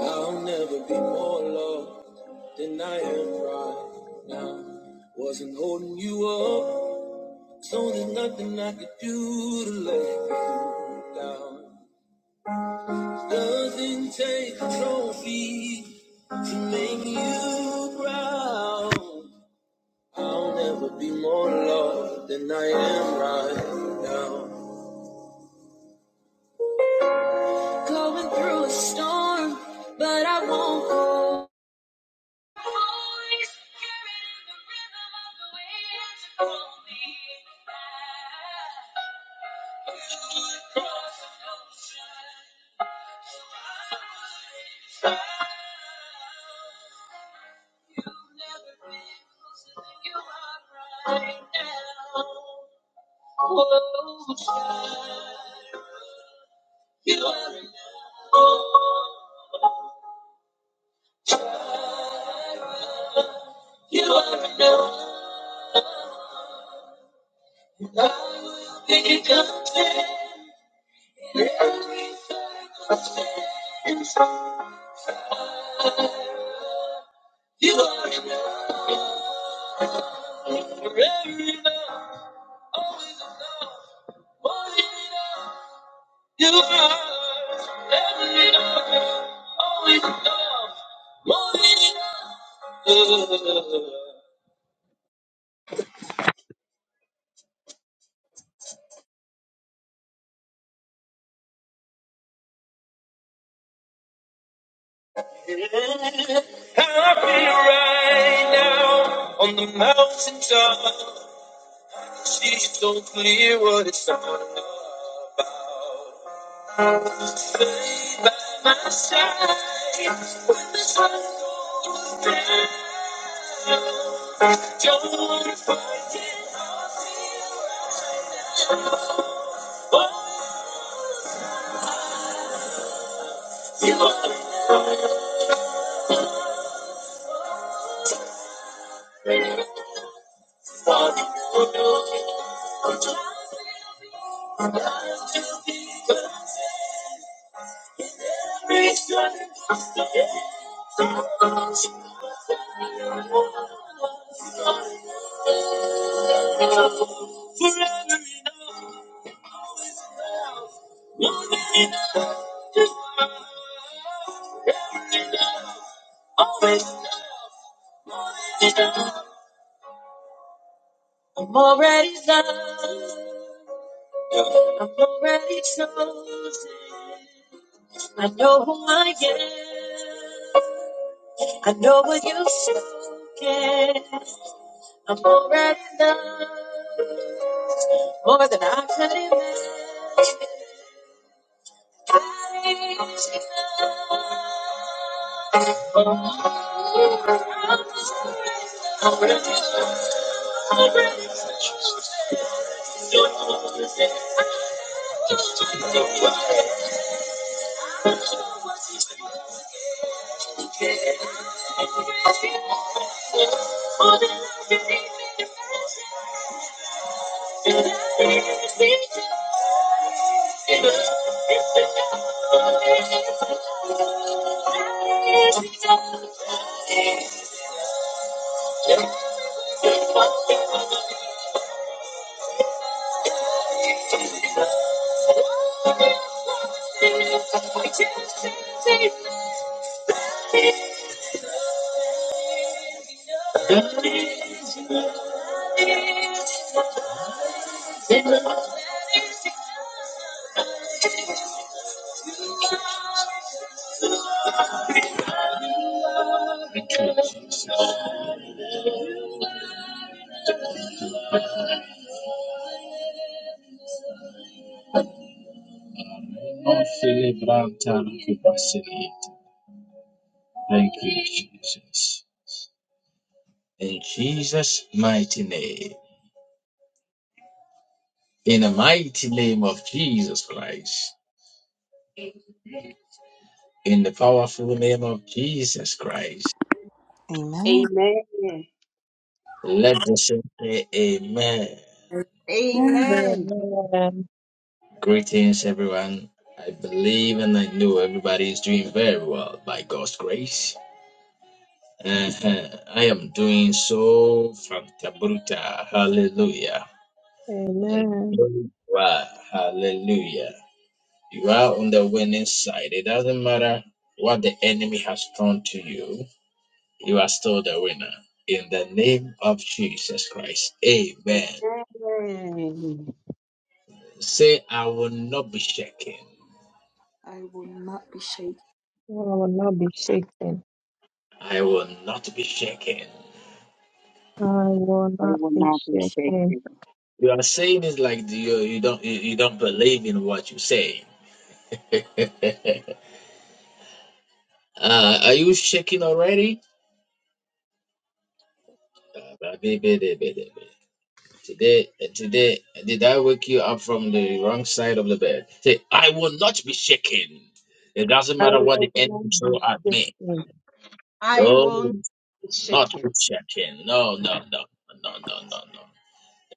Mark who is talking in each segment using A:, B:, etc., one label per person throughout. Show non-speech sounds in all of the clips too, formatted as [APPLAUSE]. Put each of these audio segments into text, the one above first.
A: I'll never be more loved than I am right now. Wasn't holding you up, so there's nothing I could do to let you down. Doesn't take a trophy to make you proud. I'll never be more loved than I am right now. But the the rhythm of the way that you hold me back. You are enough. you are enough. Happy right now on the mountain top, She's so clear what it's all about. By my side, and the sun goes down. Don't forget I'm here right now. All my dreams will be true. Every struggle, every step, every road we've walked, we'll be together. Forever enough, always enough. More than enough, ever enough, always enough, enough. I'm already loved. I'm already chosen. I know who I am. I know what you've spoken. I'm already loved. More than I could imagine. I am more than I could imagine. Thank you, Jesus. Amen. Oh, Philip Brown, Thank you, Jesus. In Jesus' mighty name. In the mighty name of Jesus Christ. In the powerful name of Jesus Christ.
B: Amen.
C: Amen.
A: Let the saints say amen.
B: Amen.
C: Amen.
D: Amen.
A: Greetings, everyone. I believe and I know everybody is doing very well by God's grace. Uh-huh. I am doing so from Tabuta. Hallelujah. And
D: Amen.
A: wow, hallelujah. You are on the winning side. It doesn't matter what the enemy has thrown to you, you are still the winner. In the name of Jesus Christ. Amen.
C: Amen.
A: Say, I will not be shaken.
D: I will not be shaken.
A: I will not be shaken.
D: I will
E: I
D: not
E: will
D: be
E: not be
D: shaken.
E: shaken.
A: You are saying this like you, you don't you, you don't believe in what you say. [LAUGHS] uh, are you shaking already? Today, uh, today, uh, did I wake you up from the wrong side of the bed? Say, I will not be shaken. It doesn't
D: I
A: matter what
D: will
A: the enemy
D: not
A: throw
D: be
A: at me.
D: shaken.
C: I
A: Oh,
C: will not be
A: not
C: shaken.
A: be shaken. No, no, no, no, no, no, no.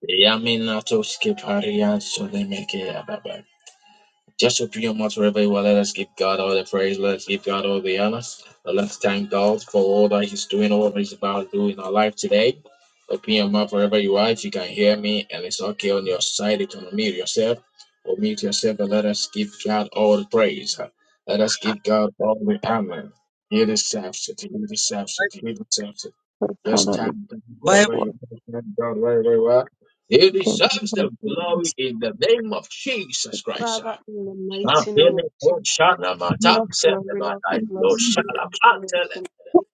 A: Yamina to skip Harian so they make it. Just for three or much wherever you are, let us give God all the praise, let us give God all the honor. Let's thank God for all that He's doing, all that He's about to do in our life today. Open your mouth wherever you are, if you can hear me, and it's okay on your side, you can mute yourself or mute yourself, and let us give God all the praise. Let us give God all the honor. He deserves it, He deserves it, He deserves it.
D: I
A: Just
D: cannot
A: thank
D: be
A: God
F: Bye.
A: wherever you
D: what
A: are, thank God wherever you are. He
D: can
A: deserves
D: never
A: the
D: be
A: glory
D: shaken.
A: in the name of Jesus Christ.
C: Father, in the mighty name
A: Mapele
C: of Jesus,
A: koshana
C: King
A: mata
C: of
A: sende
C: glory, Lord of
A: matai do
C: lords,
D: People
A: shala patele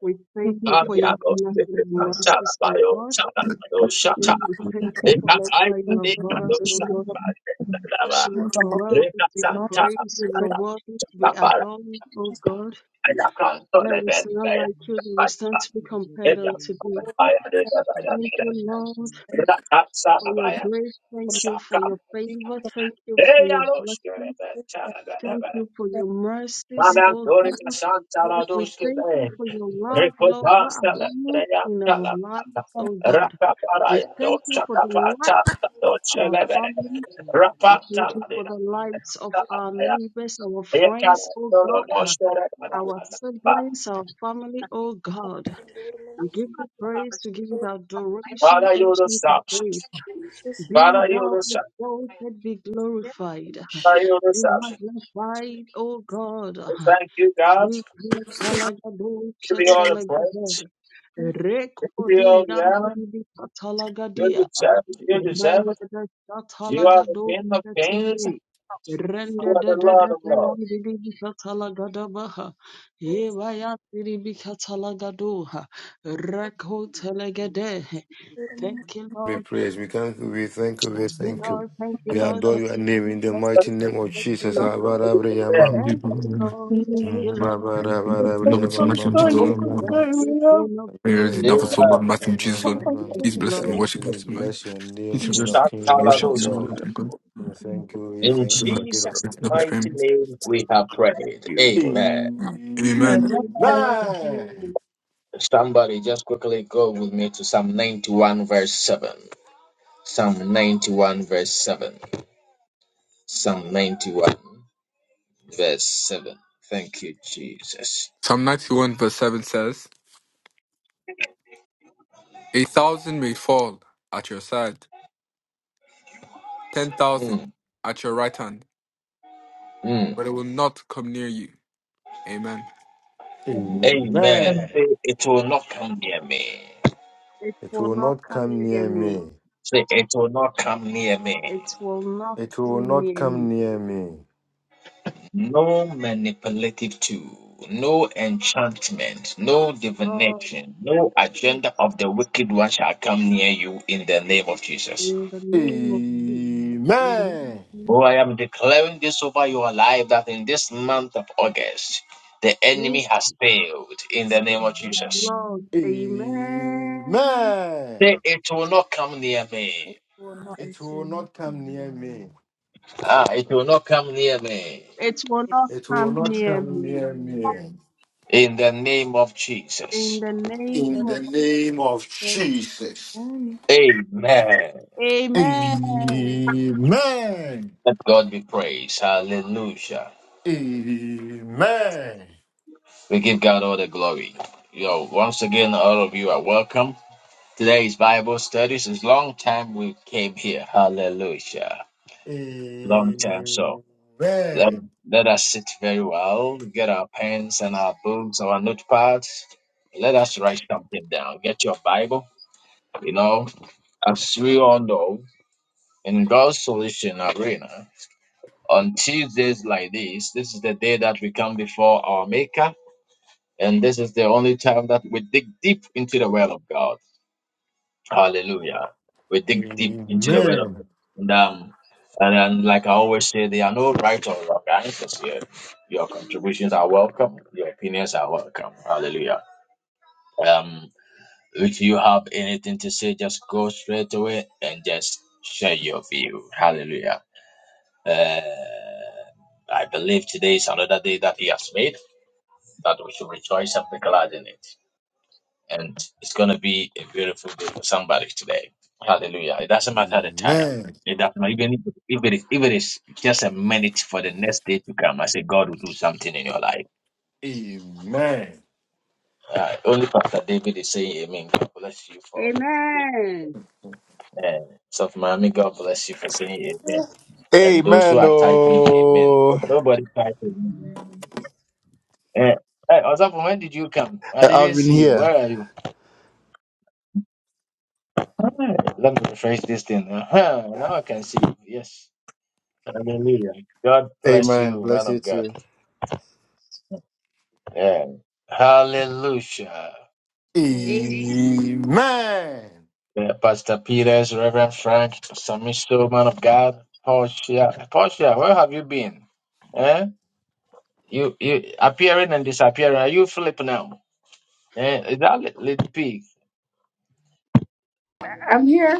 C: we thank you for your
A: babia
D: that
A: do
D: we
C: goodness
A: sete
C: and your
A: manchala
C: mercies, O
A: bayo
C: God.
A: chala
D: keep
A: do
D: up
A: shata
D: to
C: We
D: my
C: thank you for
D: God.
A: eka
C: how
A: ai
C: far you
D: Thank
C: have
A: deka
C: brought
A: do
C: us, O
A: shala
C: God.
D: you.
A: bayo dava
C: You are worthy
A: reka
C: to be
A: santa
B: if
C: praised.
B: you're
C: You are
B: grateful
A: kada
C: worthy to
A: chata
C: be
A: para
C: adored, O God.
B: much,
A: aya kanto
C: There
A: le ben
C: is none
A: kaya
C: like you. There
A: pa
C: is none to be compared
A: eka
C: unto thee.
A: aya de da da da
C: Thank you,
A: da
C: Lord.
B: thank
A: rata sa
C: for your
A: abaya
C: grace.
B: you for the
C: Thank you for
A: shaka
C: your
B: gift
C: favor.
B: of
C: Thank you for
A: eya
C: your
A: lo shkere
C: blessings.
A: ben
B: faith that our
C: Thank
A: chala
C: you for your mercies,
B: president
C: oh
B: has
A: Malandorika
C: God.
A: Santa
C: We
A: Ladoske
C: thank you
A: Bay,
C: for your love, Lord, that
A: Recodasta
C: abounds
A: Latreya
C: in our
A: Calapata,
C: lives,
B: overcome
C: oh God.
A: Rapa
C: We
A: Paraya,
C: thank you
A: Docha
C: for the
A: Capata,
C: lives of
A: Doce
C: our
A: Leve,
C: family. We
A: Rapata
C: thank you for
A: Ladina,
C: the lives of our
A: Calapaya,
C: neighbors, our
A: Ekan
C: friends, oh
A: Dodo
C: God, our
A: Moshere,
C: siblings, our family, oh God. We give you praise, we give you the adoration,
A: Father, you the
C: ancient of days.
A: substance.
C: Be
A: Father, you
C: thou
A: the substance.
C: exalted, be glorified,
A: Father, you the
C: be
A: substance.
C: magnified, O God.
A: We Thank you, God.
C: Be
A: Give
C: kalagadocha
A: you all the praise.
C: talagada,
A: Give you
C: rekoli
A: all the honor.
C: yandidi
A: You
C: katalagadia,
A: deserve it. You deserve it.
C: rendada
A: You are the King of
C: katalagadocha
A: Kings.
C: tili,
A: You are
C: rendada
A: the Lord
C: dada
A: of Lords.
C: yandidi katalagada baha, eva yandidi katalagadoha, reko Thank you, Lord.
G: be praised. We thank you, we thank you, we
C: Thank you,
G: thank you.
C: Lord. Thank you,
G: We
C: Lord.
G: adore
C: Thank
G: your name
C: you,
G: in the
C: thank
G: mighty
C: you,
G: name of
C: thank you,
G: Jesus.
C: Lord.
G: Abarabriyamam.
C: Thank you,
H: Love
C: Lord. Thank
D: Amen.
C: you, Lord. Thank
D: It's
C: you.
H: it so
D: so
H: much, Lord
D: sorry
H: Jesus.
D: you could
C: Thank
G: Abarabriyamamamamamamam.
D: say
C: you,
D: we have
C: King of
H: Prayer is
C: Glory.
A: Yeah.
H: enough for so long, Matthew Jesus,
D: one
H: Lord.
D: thing I
C: Yes,
G: Abarabriyamamamamam.
H: Please
D: could
H: bless and
D: say.
C: Lord.
H: worship him
G: We
H: tonight.
G: bless your name,
H: Please
G: King
H: bless
G: of King,
H: and
G: Lord of
H: worship
I: Small
H: him,
I: stuff
G: Lord.
I: with
H: Lord.
I: it.
H: my God.
G: We thank you, we
A: In
G: thank you
H: my
G: for the gift of
A: Jesus'
H: God,
G: life.
I: Thank
A: mighty name, we have prayed. Amen.
H: Amen.
D: Amen.
C: Amen.
G: Amen.
A: Somebody just quickly go with me to Psalm 91, verse 7. Psalm 91, verse 7. Psalm 91, verse 7. Thank you, Jesus.
H: Psalm 91, verse 7 says, A thousand may fall at your side, ten
A: Mm,
H: thousand at your right hand,
A: mm.
H: but it will not come near you. Amen.
A: Amen.
D: Amen.
G: Amen.
A: Say, it will not come near me.
C: It
G: It
C: will
G: will
C: not
G: not
C: come
G: come
C: near
G: near
C: me.
G: me.
A: Say, it will not come near me.
C: It will not
G: It will
C: come
G: not
C: near
G: come
C: me.
G: near me.
A: No manipulative tool, no enchantment, no
C: Yes, Lord
A: divination, no
C: Jesus.
A: agenda of the wicked one shall come near you in the name of Jesus.
C: In the name of Jesus. Amen.
G: Amen.
A: Oh, I am declaring this over your life that in this month of August, the
C: Yes,
A: enemy has failed in the name of Jesus.
C: Lord. Amen.
G: Amen.
A: Say, it will not come near me.
B: it will not
G: It will not come near me.
A: Ah, it will not come near me
C: It will
B: get
C: not
G: It will
C: come
G: not
C: near
G: come
C: me.
G: near me.
A: in the name of
C: In
A: Jesus.
C: the
G: In
C: name
G: the name of
B: better.
G: Jesus.
A: Amen.
C: Amen.
G: Amen.
A: Let God be praised. Hallelujah.
G: Amen.
A: We give God all the glory. Yo, once again, all of you are welcome. Today's Bible studies. is long time we came here. Hallelujah. Long time. So
G: Amen.
A: let, let us sit very well, get our pens and our books, our notepads. Let us write something down. Get your Bible. You know, as we all know, in God's solution arena, on Tuesdays like this, this is the day that we come before our Maker And this is the only time that we dig deep into the Word of God. Hallelujah. We
G: Amen.
A: dig deep into the Word of
G: Amen.
A: God. And, um, and then, like I always say, there are no right or wrong answers here. Your contributions are welcome. Your opinions are welcome. Hallelujah. Um, if you have anything to say, just go straight away and just share your view. Hallelujah. Uh, I believe today is another day that He has made, that we should rejoice and be glad in it. and it's going to be a beautiful day for somebody today. Hallelujah. It doesn't matter the time. It doesn't matter. Even if, if, it is, if it is just a minute for the next day to come, I say God will do something in your life. Uh, only Pastor David is saying amen. God bless you for
C: Amen.
A: uh, Soft Miami. God bless you for saying amen. And those who
I: Amen.
A: are typing amen.
I: Oh,
A: Nobody typing. Uh, hey, Osafu, when did you come? I didn't
I: Alvin
A: see you.
I: here.
A: Where are you? Alright, Let me refresh this thing. Uh-huh. Now I can see you. Yes. Hallelujah. God bless
I: Amen.
A: you, man
I: Bless you
A: of God.
I: too.
A: Yeah. Hallelujah.
C: Amen.
G: Amen.
A: Yeah, Pastor Peters, Reverend Frank, Samiso, man of God, Portia. Portia, where have you been? Eh? You you appearing and disappearing. Are you Philip now? Eh? Is that Lit- Little Pig?
J: I'm here.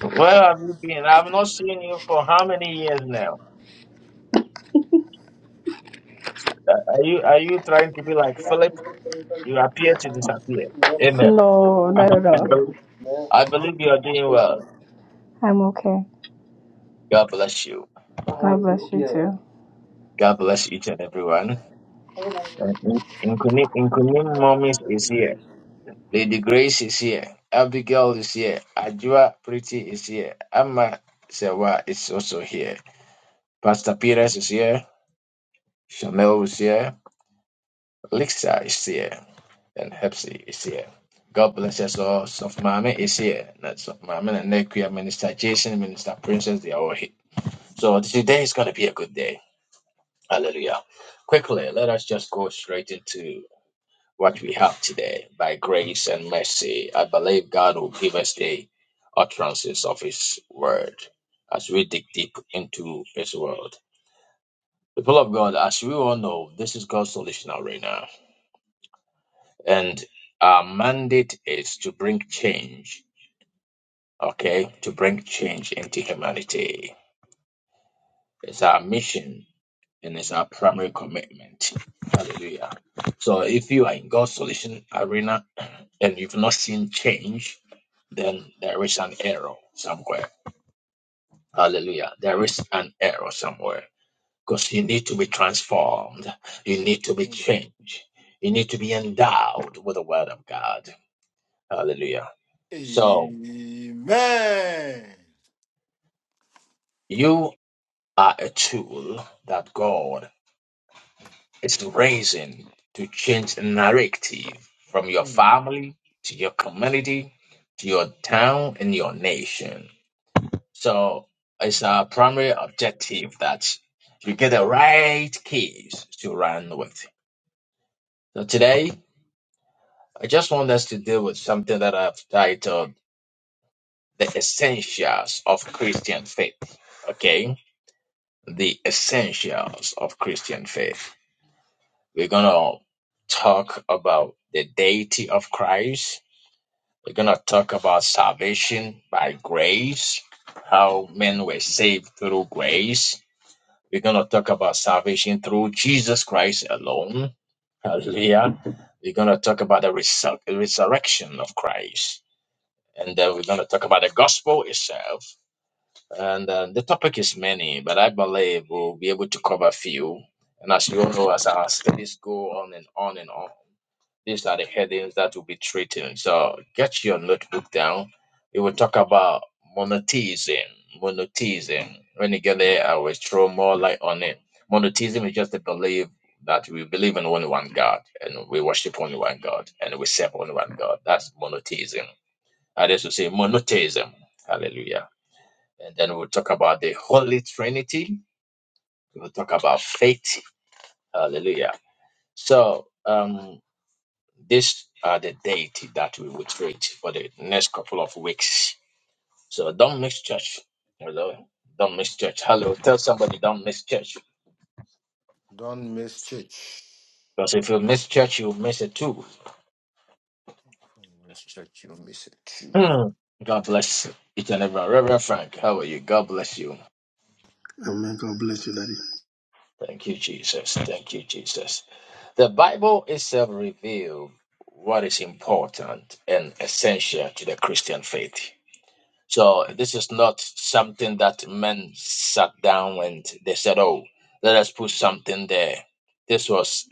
A: Where have you been? I've not seen you for how many years now? Uh, Are you are you trying to be like Philip? You appear to disappear. Amen.
J: No,
A: [LAUGHS]
J: not at
A: I
J: all.
A: believe I believe you are doing well.
J: I'm okay.
A: God bless you.
J: God bless you too.
A: God bless each and everyone. And In Nkunim Nkunim Mommies is here. Lady Grace is here. Abigail is here. Ajua Pretty is here. Amma Sewa is also here. Pastor Peters is here. Chanel is here. Lixa is here. And Hepsi is here. God bless us all. Soft Mame is here. Not Soft Mame and Nekia, Minister Jason, Minister Princess, they are all here. So today is going to be a good day. Hallelujah. Quickly, let us just go straight into what we have today by grace and mercy. I believe God will give us the utterances of His word as we dig deep into His word. People of God, as we all know, this is God's solution arena, and our mandate is to bring change. Okay, to bring change into humanity. It's our mission and it's our primary commitment. Hallelujah. So if you are in God's solution arena [CLEARS THROAT] and you've not seen change, then there is an error somewhere. Hallelujah. There is an error somewhere because you need to be transformed. You need to be
G: Amen.
A: changed. You need to be endowed with the word of God. Hallelujah. So
G: Amen.
A: you are a tool that God is raising to change the narrative from your
G: Hmm.
A: family to your community to your town and your nation. So it's a primary objective that you get the right keys to run with. So today, I just want us to deal with something that I've titled The Essentials of Christian Faith. Okay? The Essentials of Christian Faith. We're going to talk about the deity of Christ. We're going to talk about salvation by grace, how men were saved through grace We're going to talk about salvation through Jesus Christ alone. Hallelujah. We're going to talk about the resur- resurrection of Christ. And then we're going to talk about the gospel itself. And uh, the topic is many, but I believe we'll be able to cover a few. And as you all know, as our studies go on and on and on, these are the headings that we'll be treating. So get your notebook down. We will talk about monotheism. Monotheism. When you get there, I will throw more light on it. Monotheism is just the belief that we believe in only one God and we worship only one God and we serve only one God. That's monotheism. Others will say monotheism. Hallelujah. And then we'll talk about the Holy Trinity. We'll talk about faith. Hallelujah. So, um, These are the deity that we will treat for the next couple of weeks. So don't miss church. Hello. Don't miss church. Hello. Tell somebody don't miss church.
G: Don't miss church.
A: Because if you miss church, you'll miss it too.
G: Miss church, you miss it.
A: Hmm. God bless each and everyone. Reverend Frank, how are you? God bless you.
K: Amen. God bless you, Daddy.
A: Thank you, Jesus. Thank you, Jesus. The Bible itself reveals what is important and essential to the Christian faith. So this is not something that men sat down and they said, "Oh, let us put something there." This was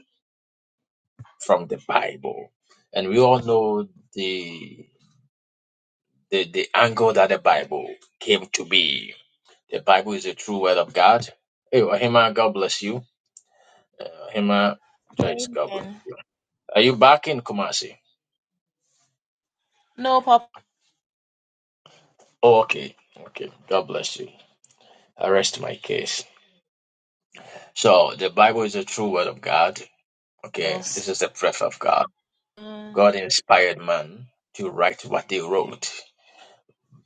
A: from the Bible, and we all know the the, the angle that the Bible came to be. The Bible is the true word of God. Hey, Ohima, God bless you. Uh, Ohima, Joyce, God bless
L: Amen.
A: you. Are you back in Kumasi?
L: No
A: Oh, okay, okay. God bless you. I rest my case. So the Bible is the true word of God. Okay,
L: purpose.
A: this is the breath of God
L: Mm,
A: God inspired man to write what they wrote.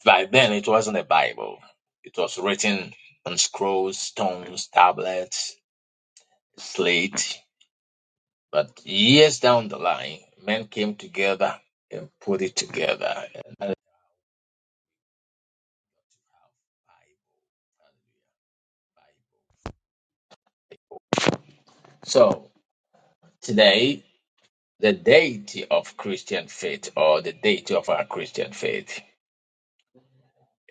A: By then, it wasn't a Bible. It was written on scrolls, stones, tablets, slate. But years down the line, men came together and put it together. And So today, the deity of Christian faith or the deity of our Christian faith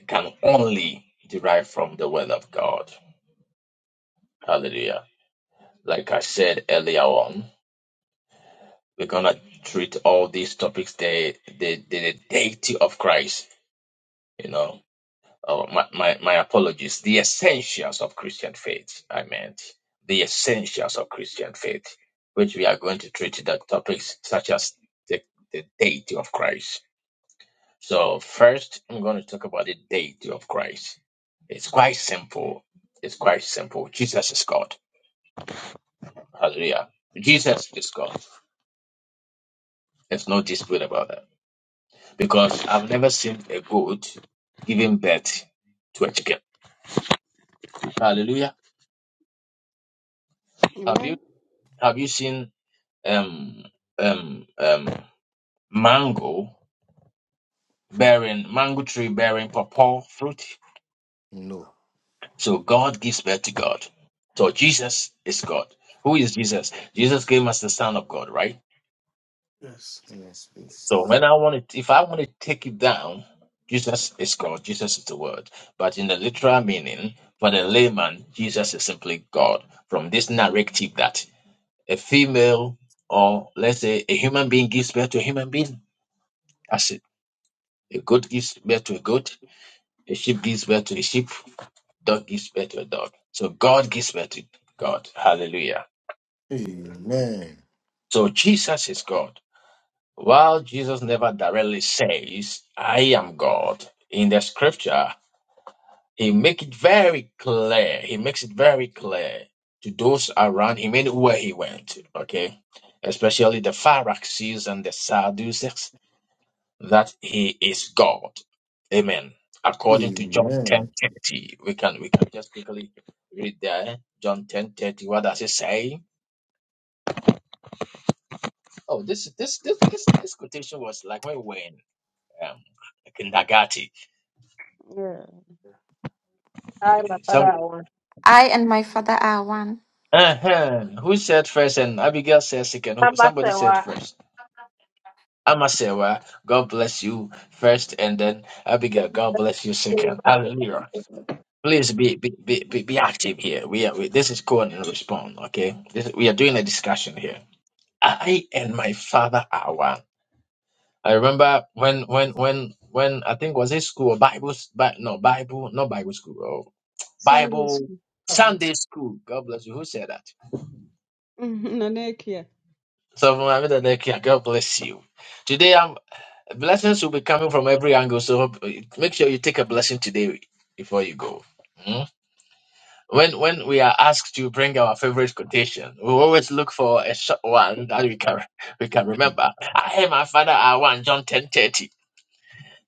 A: can only derive from the Word of God. Hallelujah. Like I said earlier on, we're gonna treat all these topics the the the, deity of Christ. You know, oh, my, my my apologies. The essentials of Christian faith. I meant the essentials of Christian faith, which we are going to treat the topics such as the the deity of Christ. So first, I'm going to talk about the deity of Christ. It's quite simple. It's quite simple. Jesus is God. Hallelujah. Jesus is God. There's no dispute about that. because I've never seen a goat giving birth to a chicken. Hallelujah. Have you
C: Amen.
A: have you seen um um um mango bearing mango tree bearing pawpaw fruit?
G: No.
A: So God gives birth to God. So Jesus is God. Who is Jesus? Jesus came as the Son of God, right?
G: Yes. Yes,
A: So
G: please.
A: when I want to, if I want to take it down, Jesus is God. Jesus is the Word. But in the literal meaning, for the layman, Jesus is simply God. From this narrative that a female or let's say a human being gives birth to a human being, that's it. A goat gives birth to a goat. A sheep gives birth to a sheep. Dog gives birth to a dog. So God gives birth to God. Hallelujah.
G: Amen.
A: So Jesus is God. While Jesus never directly says, I am God in the scripture, He make it very clear. He makes it very clear to those around him anywhere he went, okay? Especially the Pharisees and the Sadducees, that he is God. Amen. According to John
G: Amen.
A: ten thirty, We can we can just quickly read there. John ten thirty. What does it say? Oh, this this this this, this quotation was like when we were in um kindergarten.
C: Yeah.
D: I love
A: Some
D: that one.
M: I and my father are one.
A: uh-huh. who said first and Abigail said second.
D: How
A: Who-
D: about
A: Somebody
D: that
A: said
D: one?
A: first. Amasewa, God bless you first, and then Abigail, God bless you second. Hallelujah. Please be be, be, be be active here. We are we, this is call and respond. Okay, this, we are doing a discussion here. I and my father are one. I remember when when when when I think was it school or Bible but no Bible not Bible school oh,
C: Sunday
A: Bible
C: school.
G: Carry us.
A: Sunday school. God bless you. Who said that?
C: Mhm. Nanekia.
A: So Muhammad Adekia, God bless you. Today Blessings will be coming from every angle, so make sure you take a blessing today before you go. Mm? When when we are asked to bring our favorite quotation, we always look for a short one that we can [LAUGHS] we can remember. I and my father are one. John ten thirty,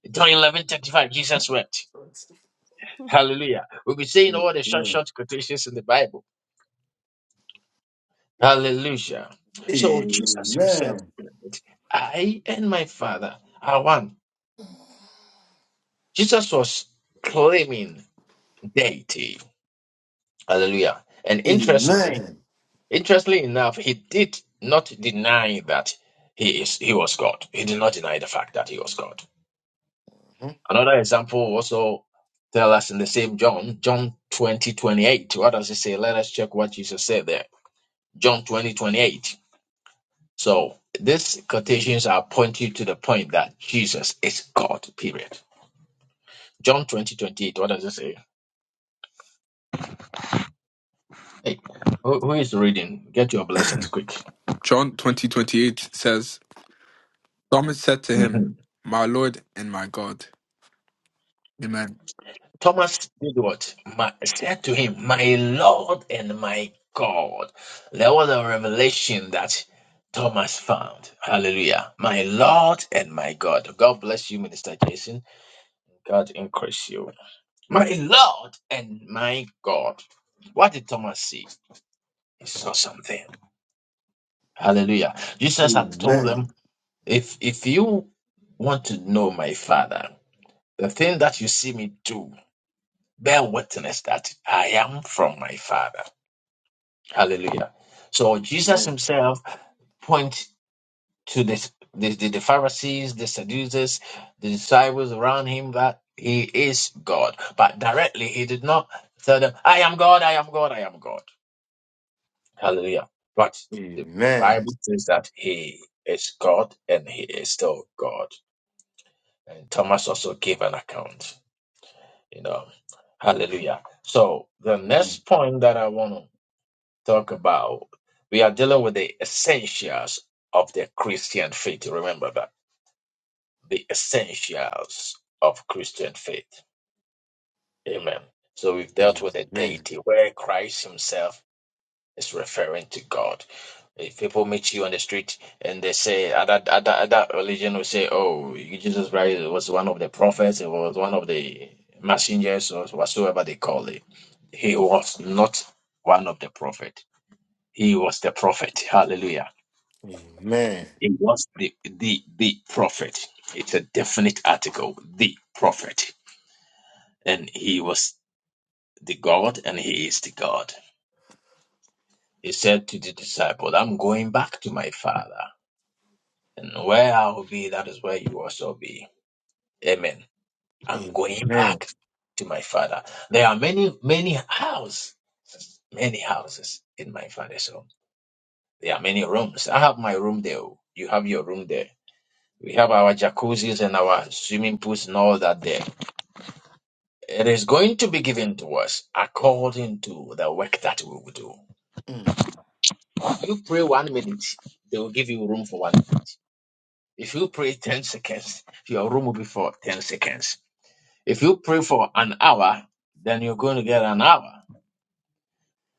A: John eleven thirty five. Jesus wept. Hallelujah. We'll be saying all the short
G: Amen.
A: short quotations in the Bible. Hallelujah. So Jesus Himself,
G: Amen.
A: said, I and my Father are one. Jesus was claiming deity. Hallelujah. And interestingly,
G: Amen.
A: interestingly enough, he did not deny that he is he was God. He did not deny the fact that he was God. Another example also tell us in the same John, John 20 28. What does it say? Let us check what Jesus said there. John 20 28. So these quotations are pointing to the point that Jesus is God, period. John 20 28. What does it say? Hey, who who is reading? Get your blessings quick.
H: John twenty twenty eight says, Thomas said to
A: Mm-hmm.
H: him, My Lord and my God. Amen.
A: Thomas did what? My, said to him, My Lord and my God. There was a revelation that Thomas found. Hallelujah. My Lord and my God. God bless you, Minister Jason. God increase you. My Lord and my God. What did Thomas see? He saw something. Hallelujah. Jesus had
G: Mhm.
A: told them,
G: Amen.
A: if if you want to know my father, the thing that you see me do, bear witness that I am from my father. Hallelujah. So Jesus
G: Amen.
A: himself point to this, the, the, the Pharisees, the Sadducees, the disciples around him that he is God. But directly he did not tell them, I am God, I am God, I am God. Hallelujah. But
G: Amen.
A: the
G: Amen.
A: Bible says that he is God and he is still God. And Thomas also gave an account, you know. Hallelujah. So the next point that I want to talk about we are dealing with the essentials of the Christian faith. Remember that the essentials of Christian faith. Amen. So we've dealt with the
G: Amen.
A: deity where Christ Himself is referring to God. If people meet you on the street and they say other other other religion will say, "Oh, Jesus Christ was one of the prophets. It was one of the messengers, or whatsoever they call it." He was not one of the prophet. He was the prophet. Hallelujah It was the the the prophet. It's a definite article, the prophet. And he was the God and he is the God. He said to the disciple, I'm going back to my father. And where I will be, that is where you also be. Amen. I'm going
G: Amen. Amen.
A: back to my father. There are many, many houses, many houses in my father's home. There are many rooms. I have my room there. You have your room there. We have our jacuzzis and our swimming pools and all that there. It is going to be given to us according to the work that we will do. If you pray one minute, they will give you room for one minute. If you pray 10 seconds, your room will be for 10 seconds. If you pray for an hour, then you're going to get an hour.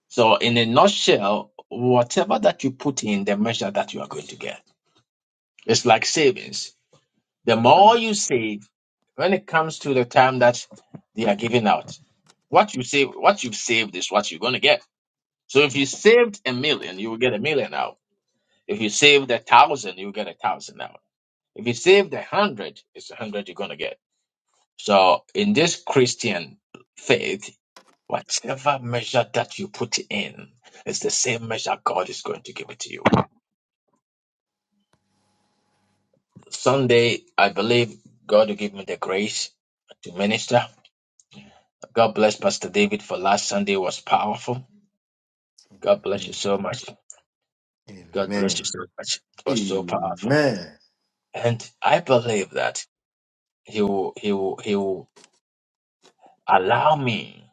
A: So, in a nutshell, whatever that you put in, the measure that you are going to get. It's like savings. The more you save, when it comes to the time that they are giving out, what you save, what you've saved is what you're going to get. So if you saved a million, you will get a million out. If you saved a thousand, you will get a thousand out. If you saved a hundred, it's a hundred you're gonna get. So in this Christian faith, whatever measure that you put in, it's the same measure God is going to give it to you. Sunday, I believe God will give me the grace to minister. God bless Pastor David for last Sunday was powerful. God bless you
G: Mm.
A: so much. God bless you
G: Amen.
A: so much. It was so powerful.
G: Amen.
A: And I believe that He will, he will, he will allow me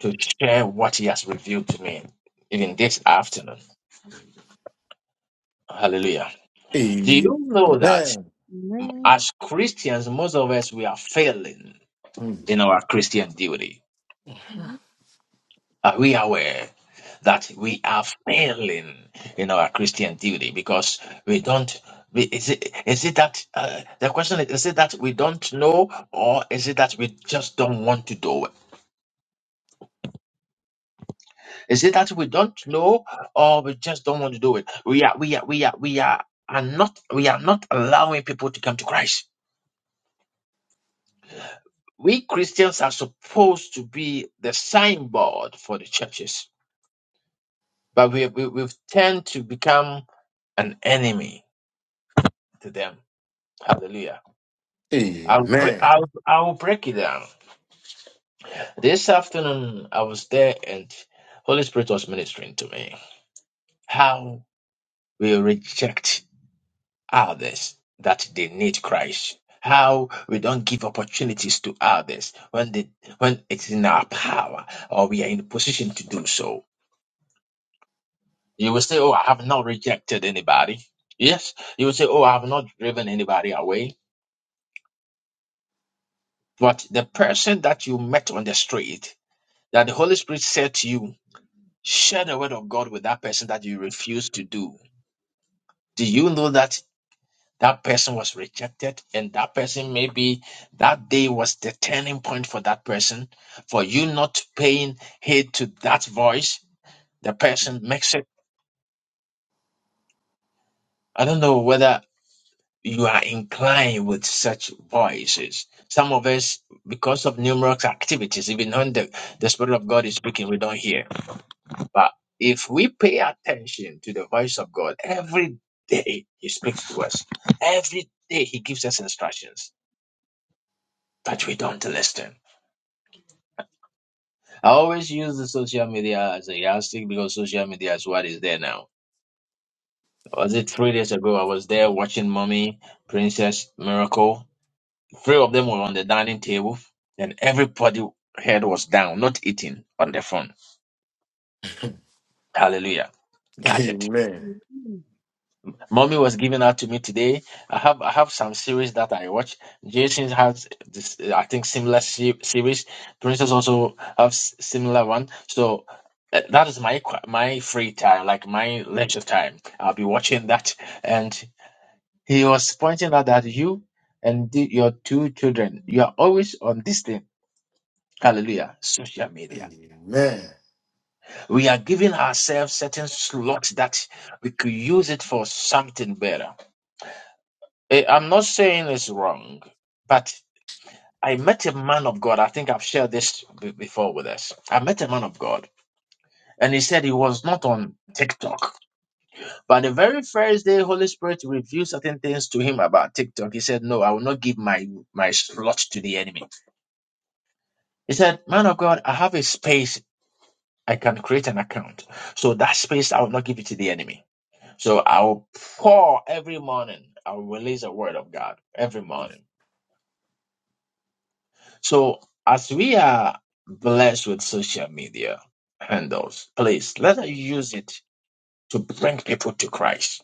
A: to share what he has revealed to me, even this afternoon.
G: Amen.
A: Hallelujah. Do
G: Amen.
A: you know that
C: Amen.
A: as Christians, most of us, we are failing
G: Mm.
A: in our Christian duty?
C: Mhm.
A: Are we aware that
C: Yeah.
A: we are failing in our Christian duty because we don't? we- Is it, is it that uh, the question is, is it that we don't know or is it that we just don't want to do it? Is it that we don't know or we just don't want to do it? We are we are we are we are, are not we are not allowing people to come to Christ. We Christians are supposed to be the signboard for the churches, but we, we we've tend to become an enemy to them. Hallelujah. I'll break
G: Amen.
A: I'll I'll break it down. This afternoon I was there and Holy Spirit was ministering to me. How we reject others that they need Christ. How we don't give opportunities to others when they, when it's in our power or we are in a position to do so. You will say, Oh, I have not rejected anybody. Yes. You will say, Oh, I have not driven anybody away. But the person that you met on the street, that the Holy Spirit said to you, share the word of God with that person that you refuse to do. Do you know that That person was rejected, and that person maybe that day was the turning point for that person. For you not paying heed to that voice, the person makes it. I don't know whether you are inclined with such voices. Some of us, because of numerous activities, even when the, the Spirit of God is speaking, we don't hear. But if we pay attention to the voice of God, every day He speaks to us, every day He gives us instructions, but we don't listen. I always use the social media as a yardstick because social media is what is there now. Was it three days ago? I was there watching mommy, Princess, Miracle. Three of them were on the dining table, and everybody head was down, not eating on their phone. Hallelujah. Gadget.
G: Amen.
C: Mhm.
A: Mommy was giving out to me today. I have I have some series that I watch. Jason has this, uh, I think, similar se- series. Princess also have s- similar one. So uh, that is my qu- my free time, like my leisure time. I'll be watching that. And he was pointing out that you and the, your two children, you are always on this thing. Hallelujah, social media.
G: Amen.
A: We are giving ourselves certain slots that we could use it for something better. Eh, I'm not saying it's wrong, but I met a man of God. I think I've shared this b- before with us. I met a man of God, and he said he was not on TikTok. But the very first day, Holy Spirit revealed certain things to him about TikTok. He said, "No, I will not give my my slot to the enemy." He said, "Man of God, I have a space. I can create an account. So that space, I will not give it to the enemy. So I will pour every morning. I will release a word of God every morning." So, as we are blessed with social media handles, please let us use it to bring people to Christ.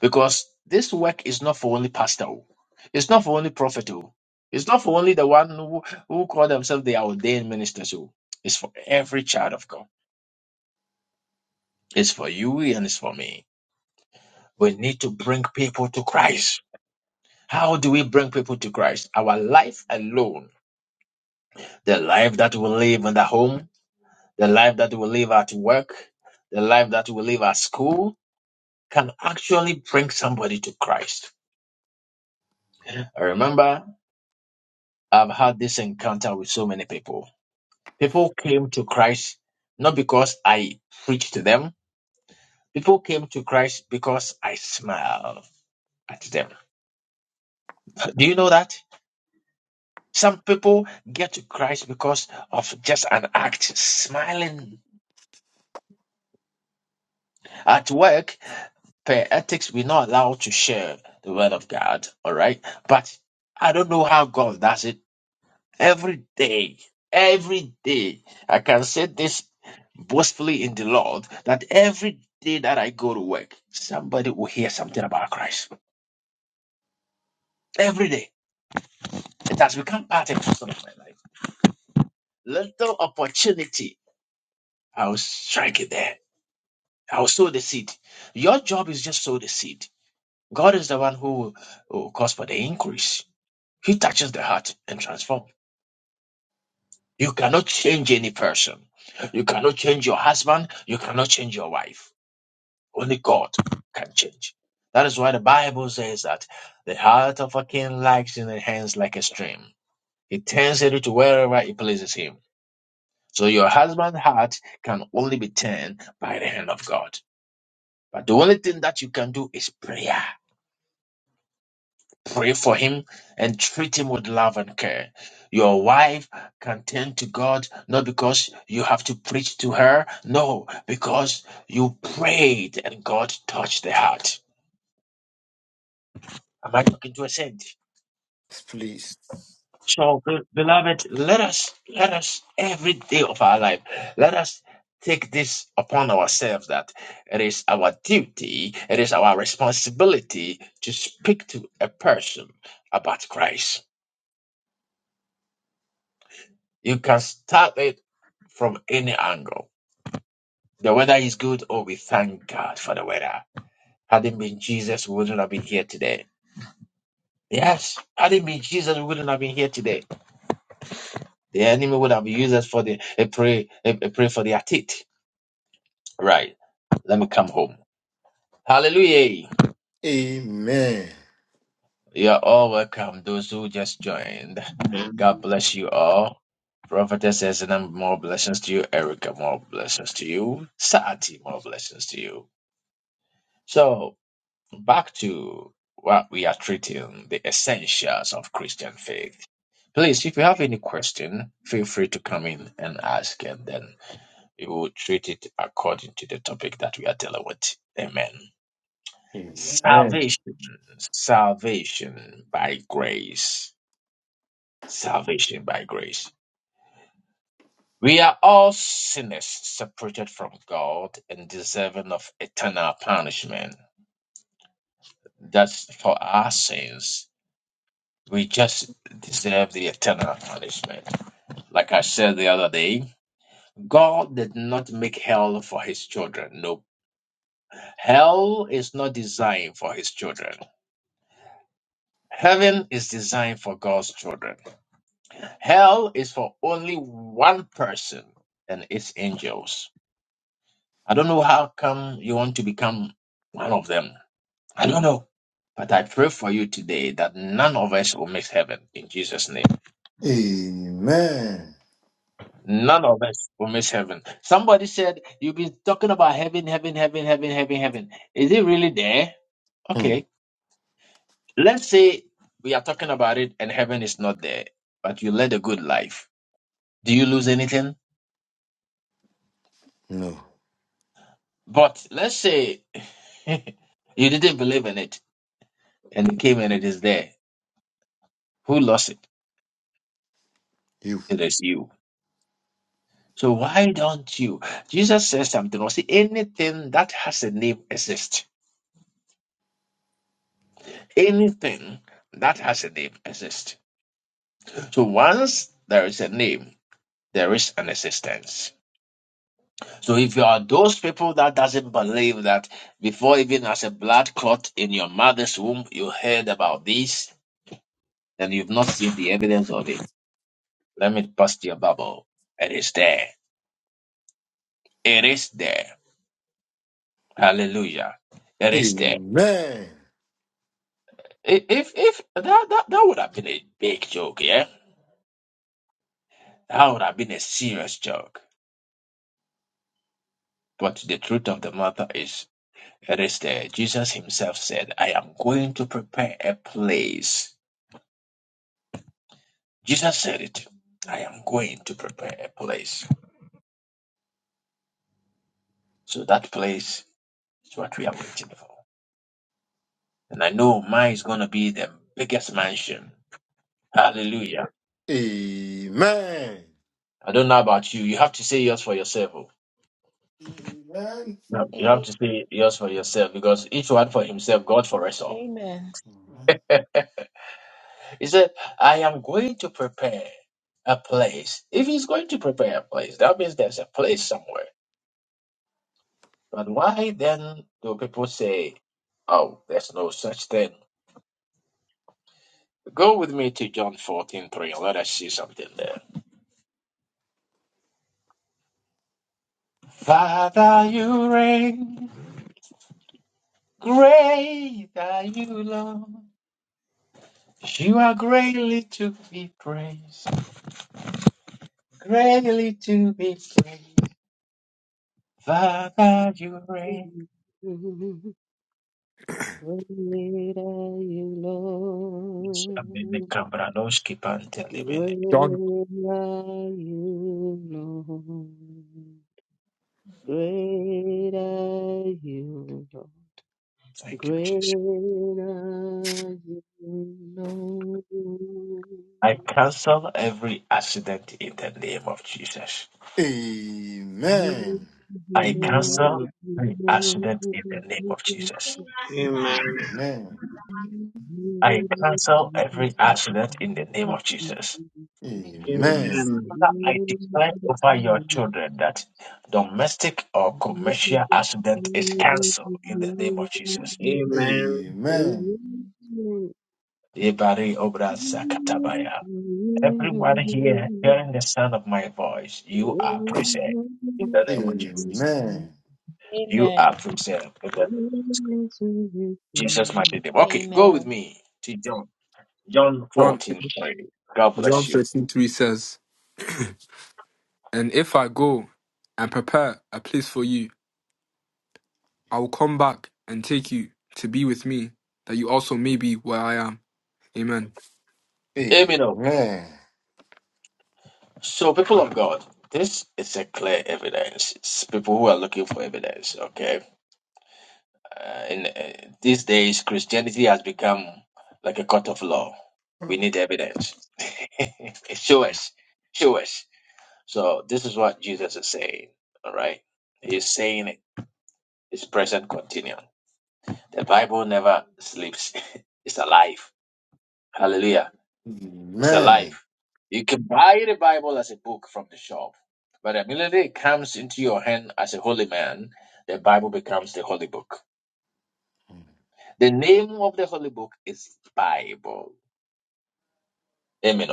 A: Because this work is not for only pastor, oh. it's not for only prophet, oh. it's not for only the one who, who call themselves the ordained ministers. oh. It's for every child of God. It's for you and it's for me. We need to bring people to Christ. How do we bring people to Christ? Our life alone, the life that we live in the home, the life that we live at work, the life that we live at school can actually bring somebody to Christ. I remember I've had this encounter with so many people. People came to Christ not because I preached to them, people came to Christ because I smiled at them. Do you know that? Some people get to Christ because of just an act, smiling at work. per ethics, we're not allowed to share the word of God, all right? But I don't know how God does it every day. Every day. I can say this boastfully in the Lord that every day that I go to work, somebody will hear something about Christ. Every day. It has become part and parcel of my life. Little opportunity, I'll strike it there. I'll sow the seed. Your job is just sow the seed. God is the one who will will cause for the increase. He touches the heart and transforms. You cannot change any person. You cannot change your husband. You cannot change your wife. Only God can change. That is why the Bible says that the heart of a king lies in the hands like a stream. He turns it to wherever it pleases him. So your husband's heart can only be turned by the hand of God. But the only thing that you can do is prayer. Pray for him and treat him with love and care. Your wife can turn to God not because you have to preach to her, no, because you prayed and God touched the heart. Am I talking to a saint?
G: Please.
A: So, be- beloved, let us, let us every day of our life, let us take this upon ourselves that it is our duty, it is our responsibility to speak to a person about Christ You can start it from any angle. The weather is good, oh, we thank God for the weather. Had it been Jesus, we wouldn't have been here today. Yes, had it been Jesus, we wouldn't have been here today. The enemy would have used us for the a pray a, a pray for their teeth. Right, let me come home. Hallelujah.
G: Amen.
A: You are all welcome, those who just joined. God
N: Amen.
A: bless you all. Prophetess Ezenam, more blessings to you. Erica, more blessings to you. Sati, more blessings to you. So. back to what we are treating the essentials of Christian faith. Please, if you have any question, feel free to come in and ask, and then we will treat it according to the topic that we are dealing with. Amen.
G: Amen.
A: Salvation, salvation by grace, salvation by grace. We are all sinners separated from God and deserving of eternal punishment. That's for our sins We just deserve the eternal punishment. Like I said the other day, God did not make hell for his children. Nope. Hell is not designed for his children. Heaven is designed for God's children. Hell is for only one person and its angels. I don't know how come you want to become one of them. I don't know. But I pray for you today that none of us will miss heaven in Jesus' name.
G: Amen.
A: None of us will miss heaven. Somebody said you've been talking about heaven, heaven, heaven, heaven, heaven, heaven. Is it really there?
G: Mm.
A: Okay. Let's say we are talking about it and heaven is not there, but you led a good life. Do you lose anything?
G: No,
A: But let's say [LAUGHS] you didn't believe in it and it came and it is there. Who lost it?
G: you.
A: It is you. So why don't you? Jesus says something or see anything that has a name exists. Anything that has a name exists. So once there is a name, there is an existence. So if you are those people that doesn't believe that before even as a blood clot in your mother's womb, you heard about this, then you've not seen the evidence of it. Let me bust your bubble. It is there. It is there. Hallelujah. It is there.
G: Amen.
A: I- If if that that, that would have been a big joke, yeah? That would have been a serious joke. But the truth of the matter is Instead, Jesus himself said, I am going to prepare a place. Jesus said it. I am going to prepare a place. So that place is what we are waiting for. And I know mine is going to be the biggest mansion. Hallelujah.
G: Amen.
A: I don't know about you. You have to say yours for yourself. oh.
G: Amen.
A: No, you have
L: a-
A: to say yours for yourself because each one for himself, God for us all.
L: amen.
A: He said, I am going to prepare a place. If he's going to prepare a place, that means there's a place somewhere. But why then do people say, oh, there's no such thing? Go with me to John fourteen three, and let us see something there. Father, you reign, great are you, Lord. You are greatly to be praised, greatly to be praised. Father, you reign.
C: Mhm. Mhm. Great are you, Lord.
H: John.
C: Great are you, Lord. Great are you, Lord.
A: Thank you,
C: Great
A: Jesus.
C: are you, Lord.
A: I cancel every accident in the name of Jesus.
G: Amen.
A: I
C: Great are
A: cancel
N: Amen.
A: every
C: you, Lord.
A: accident in the name of Jesus.
N: Amen.
A: I cancel every accident in the name of Jesus.
O: Amen. Amen.
G: Amen.
N: Amen.
A: Father, I declare over your children that domestic or commercial accident is cancelled in the name of Jesus.
N: Amen.
G: Amen.
A: Ibari obra zakatabaya. Everyone here hearing the sound of my voice, you are preserved in the
G: Amen.
A: name of
O: Amen.
A: Jesus.
O: Amen.
C: Amen.
G: Amen.
A: You
L: Amen.
A: are preserved in the name of
C: Amen
A: Jesus, mighty name. Okay, go with
L: Amen.
A: me to John, John
H: John.
A: 14. God
H: Job
A: bless you.
H: 13 3 says, And if I go and prepare a place for you, I will come back and take you to be with me, that you also may be where I am. Amen.
A: Amino.
G: Amen.
A: So, people of God, this is a clear evidence. It's people who are looking for evidence, okay? Uh, in uh, these days, Christianity has become like a court of law.
G: Amen.
A: We need evidence. [LAUGHS] Show us. Show us. So, this is what Jesus is saying, all right? He's saying it. It's present continuum. The Bible never sleeps, [LAUGHS] it's alive. Hallelujah. It's alive.
G: Amen.
A: You can buy the Bible as a book from the shop, but the minute it comes into your hand as a holy man, the Bible becomes the holy book. The name of the holy book is Bible. Amen.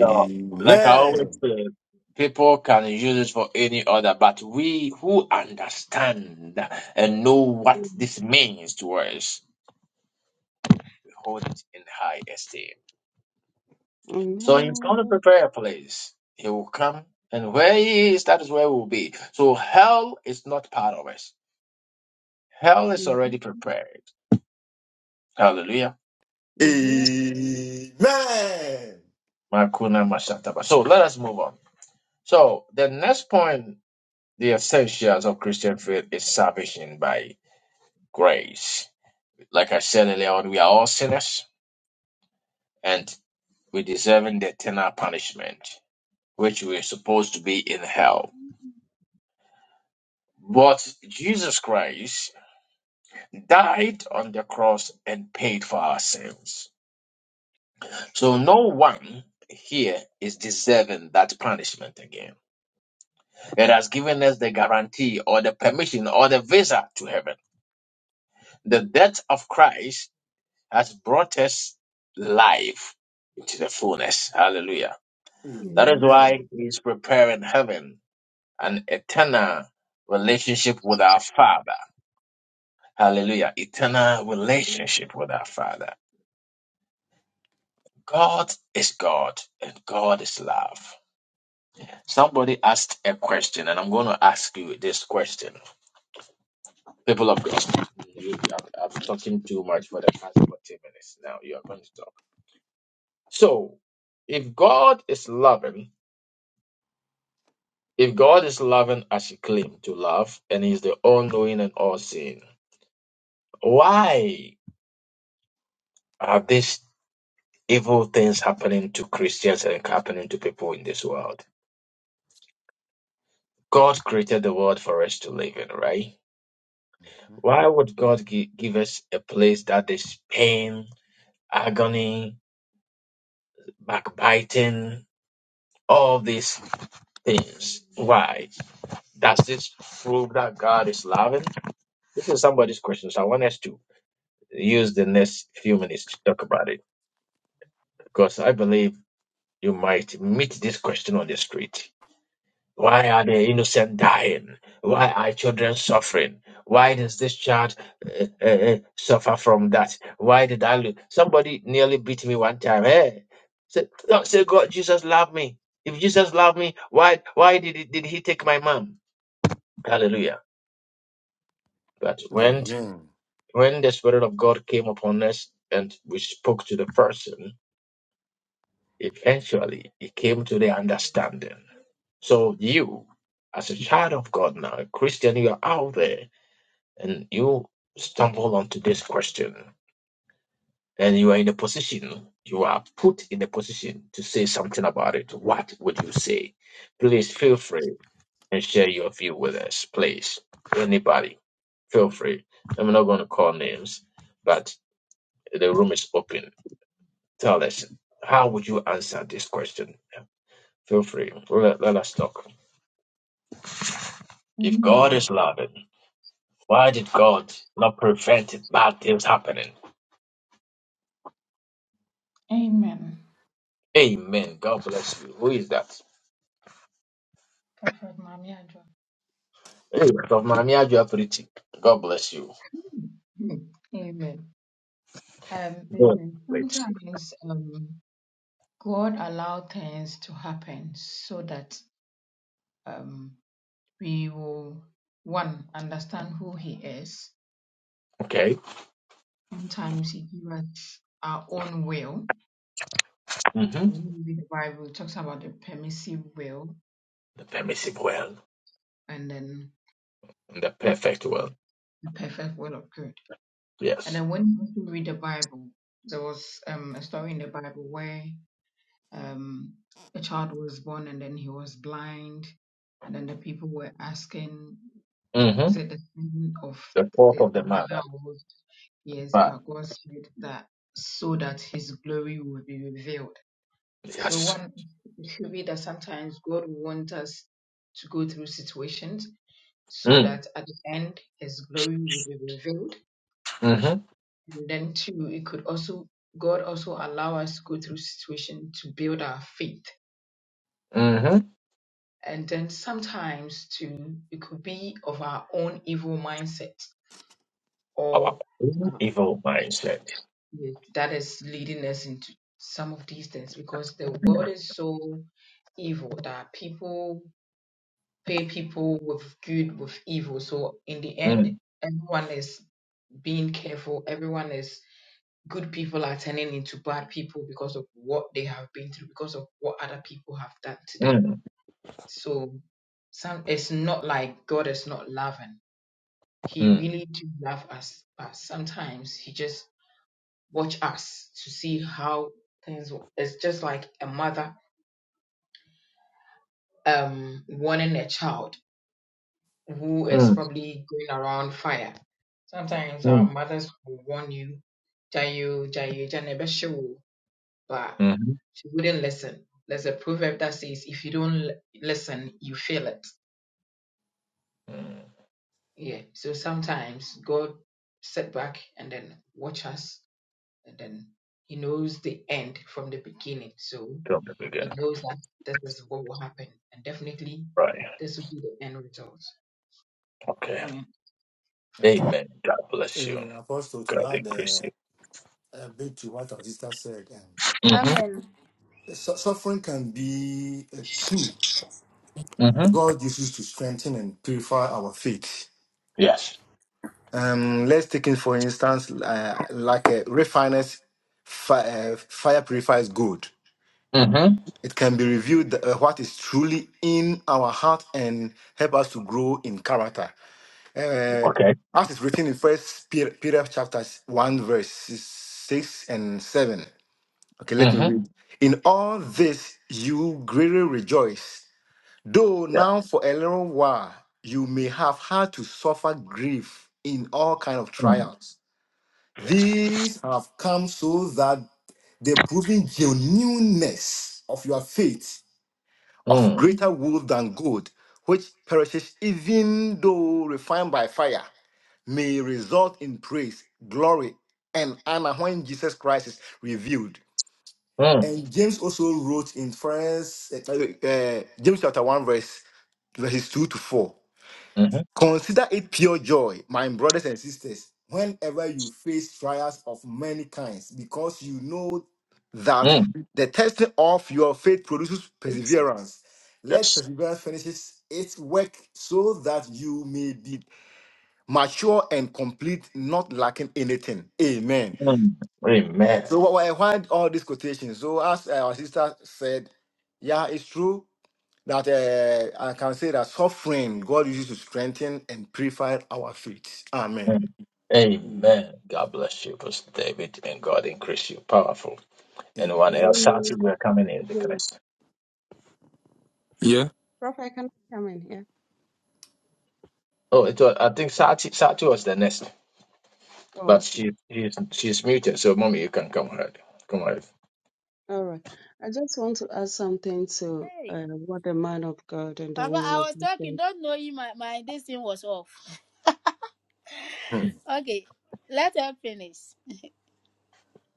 A: So, like I always say, people can use it for any other, but we who understand and know what this means to us, we hold it in high esteem. So he's going to prepare a place. He will come, and where he is, that is where we'll be. So hell is not part of us. Hell is already prepared. Hallelujah. Makuna mashataba. So let us move on. So the next point, the essentials of Christian faith is salvation by grace. Like I said earlier on, we are all sinners and we deserving the eternal punishment, which we are supposed to be in hell. But Jesus Christ died on the cross and paid for our sins. So no one here is deserving that punishment again. It has given us the guarantee or the permission or the visa to heaven. The death of Christ has brought us life into the fullness. Hallelujah. That is why
G: Amen.
A: he's preparing heaven an eternal relationship with our Father. Hallelujah. Eternal relationship with our Father. God is God and God is love. Somebody asked a question, and I'm going to ask you this question. People of God, you- I'm, I'm talking too much for the past 40 minutes now. You are going to talk. So, if God is loving, if God is loving as He claimed to love, and He's the all knowing and all seeing, why are these evil things happening to Christians and happening to people in this world? God created the world for us to live in, right? Why would God gi- give us a place that is pain, agony, backbiting, all these things? Why? Does this prove that God is loving? This is somebody's question, so I want us to use the next few minutes to talk about it because I believe you might meet this question on the street. Why are the innocent dying? Why are children suffering? Why does this child uh, uh, uh, suffer from that? Why did I lose? Somebody nearly beat me one time. Hey, say, no, say God, Jesus loved me. If Jesus loved me, why why did he, did he take my mom? Hallelujah. But when
G: Amen.
A: when the Spirit of God came upon us and we spoke to the person, eventually it came to the understanding. So you, as a child of God now, a Christian, you are out there and you stumble onto this question and you are in a position you are put in a position to say something about it what would you say please feel free and share your view with us please anybody feel free i'm not going to call names but the room is open tell us how would you answer this question feel free let, let us talk if god
O: Amen.
A: is loving why did god not prevent bad things happening Amen. God bless you. Who is that? Hey, of Mamiajo Pretty. God bless you.
O: Amen. Um,
A: God
O: Amen.
A: bless.
O: Sometimes, um, God allow things to happen so that um, we will one understand who He is.
A: Okay.
O: Sometimes He gives us our own will.
A: hmm
O: When we read the Bible it talks about the permissive will
A: The permissive world
O: and then
A: and the perfect
O: um,
A: world.
O: the perfect will of good. And
A: Yes.
O: then when you read the Bible, there was um, a story in the Bible where um, a child was born and then he was blind, and then the people were asking. was
A: hmm
O: it the son of
A: The fourth
O: the,
A: of
O: the
A: the
O: mother
A: mother.
O: of yes,
A: But
O: but God said that so that his glory will be revealed. So
A: yes.
O: one it should be that sometimes God wants us to go through situations so
A: Mm.
O: that at the end his glory will be revealed.
A: Mm-hmm.
O: And then two, it could also God also allow us to go through situation to build our faith.
A: Mm-hmm.
O: And then sometimes too, it could be of our own evil mindset or
A: Our own evil mindset.
O: Yes, that is leading us into some of these things because the
A: Mm.
O: world is so evil that people pay people with good with evil. So in the end,
A: Mm.
O: everyone is being careful. Everyone is good people are turning into bad people because of what they have been through, because of what other people have done to them.
A: Mm.
O: So some it's not like God is not loving. He
A: Mm.
O: really do love us, but sometimes he just watch us to see how things it's just like a mother um warning a child who is
A: Mm.
O: probably going around fire sometimes our
A: Mm.
O: mothers will warn you jayo jayo jane beshewu," but
A: Mm-hmm.
O: she wouldn't listen there's a proverb that says if you don't l- listen you fail it
A: Mm.
O: yeah so sometimes god sit back and then watch us and then he knows the end from the beginning. So
A: From the
O: he
A: beginning.
O: knows that this is what will happen, and definitely
A: Right.
O: this will be the end result.
A: Okay.
O: Amen.
G: Okay.
A: Amen. God bless you.
G: Uh, Apostle, to
A: God
G: add uh,
A: increase you.
G: a bit to what our sister said, um,
A: Mm-hmm.
P: Amen.
G: su- suffering can be a tool
A: Mm-hmm.
G: God uses to strengthen and purify our faith.
A: Yes.
G: Um, let's take it for instance, uh, like a refiner's fi- uh, fire purifies gold.
A: Mm-hmm.
G: It can be revealed that, uh, what is truly in our heart and help us to grow in character. Uh,
A: Okay.
G: as is written in First Peter, Peter chapter one, verses six and seven. Okay, let me
A: Mm-hmm.
G: read. In all this you greatly rejoice, though
A: Yeah.
G: now for a little while you may have had to suffer grief in all kind of
A: Mm.
G: trials. These have come so that the proving genuineness of your faith of
A: Mm.
G: greater wool than gold, which perishes even though refined by fire, may result in praise, glory, and honor when Jesus Christ is revealed.
A: Mm.
G: And James also wrote in First uh, uh, James chapter one verse verses two to four.
A: Mm-hmm.
G: Consider it pure joy, my brothers and sisters, whenever you face trials of many kinds, because you know that
A: Mm.
G: the testing of your faith produces perseverance. Let
A: Yes.
G: perseverance finish its work so that you may be mature and complete, not lacking anything. Amen.
A: Mm. Amen.
G: So, wh- wh- why all these quotations? So, as our sister said, yeah, it's true that uh, I can say that suffering God uses to strengthen and purify our faith. Amen.
A: Mm. Amen. God bless you, Pastor David, and God increase you. Powerful. Anyone
G: Amen.
A: else? Sati, we
C: Amen.
A: are coming in the Christ.
H: Yeah.
C: Prophet, can I come in here?
A: Oh, it was, I think Sati, Sati was the next,
C: Oh,
A: but
C: okay.
A: she she's she's muted. So, mommy, you can come ahead. Come ahead.
C: All right. I just want to add something to
P: Hey,
C: uh, what the man of God and the
P: Papa, I
C: woman of
P: was
C: God
P: talking.
C: said.
P: Don't know you. My my this thing was off.
G: Hmm.
P: Okay, let her finish.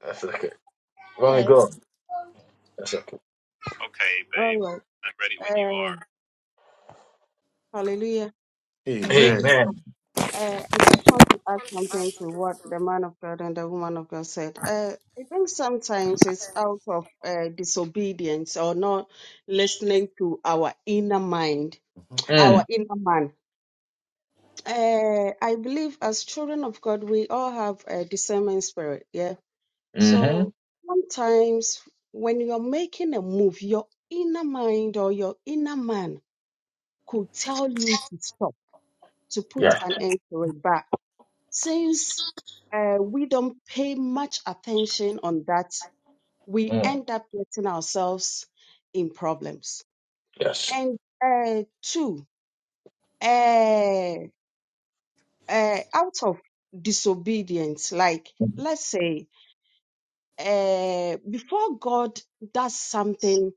A: That's okay. Mommy,
P: Okay,
A: go. That's okay.
P: Okay,
C: All
P: babe.
C: right.
P: I'm ready when
C: Uh, hallelujah.
P: you are.
G: Amen.
A: Amen.
C: Uh, I just want to add something to what the man of God and the woman of God said. Uh, I think sometimes it's out of uh, disobedience or not listening to our inner mind,
G: Mhm.
C: our
A: Mm.
C: inner man. Uh, I believe as children of God, we all have a discernment spirit. Yeah.
A: Mm-hmm.
C: So sometimes when you're making a move, your inner mind or your inner man could tell you to stop, to put
A: Yes.
C: an end to it. But Since uh, we don't pay much attention on that, we
A: Mm.
C: end up getting ourselves in problems.
A: Yes.
C: And uh, two, uh, uh, out of disobedience, like let's say, uh, before God does something,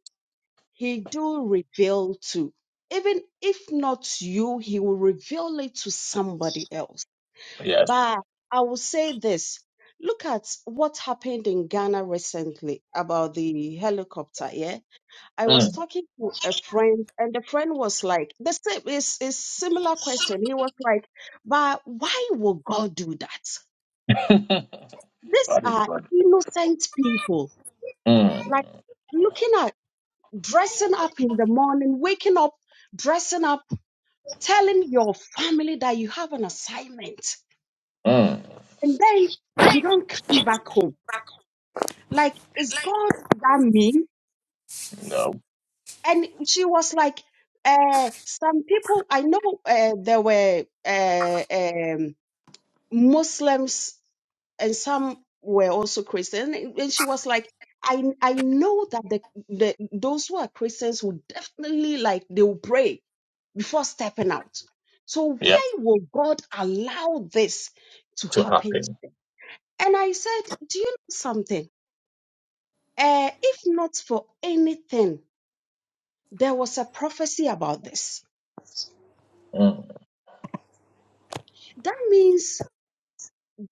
C: He do reveal to. Even if not you, He will reveal it to somebody else.
A: Yes.
C: But I will say this. Look at what happened in Ghana recently about the helicopter. Yeah. I
A: Mm.
C: was talking to a friend, and the friend was like, the same is is similar question. He was like, but why would God do that?
A: [LAUGHS]
C: These
A: What did God
C: are
A: do?
C: innocent people.
A: Mm,
C: Like looking at dressing up in the morning, waking up, dressing up, telling your family that you have an assignment,
A: mm,
C: and then you don't come back home Like, is God that mean?
A: no,
C: And she was like, uh, some people, I know uh, there were uh, um, Muslims and some were also Christian. And and she was like, I, I know that the, the those who are Christians will definitely like they will pray before stepping out. So
A: Yeah.
C: why will God allow this to
A: to
C: happen?
A: happen.
C: And I said, do you know something? Uh, if not for anything, There was a prophecy about this.
A: Mm,
C: That means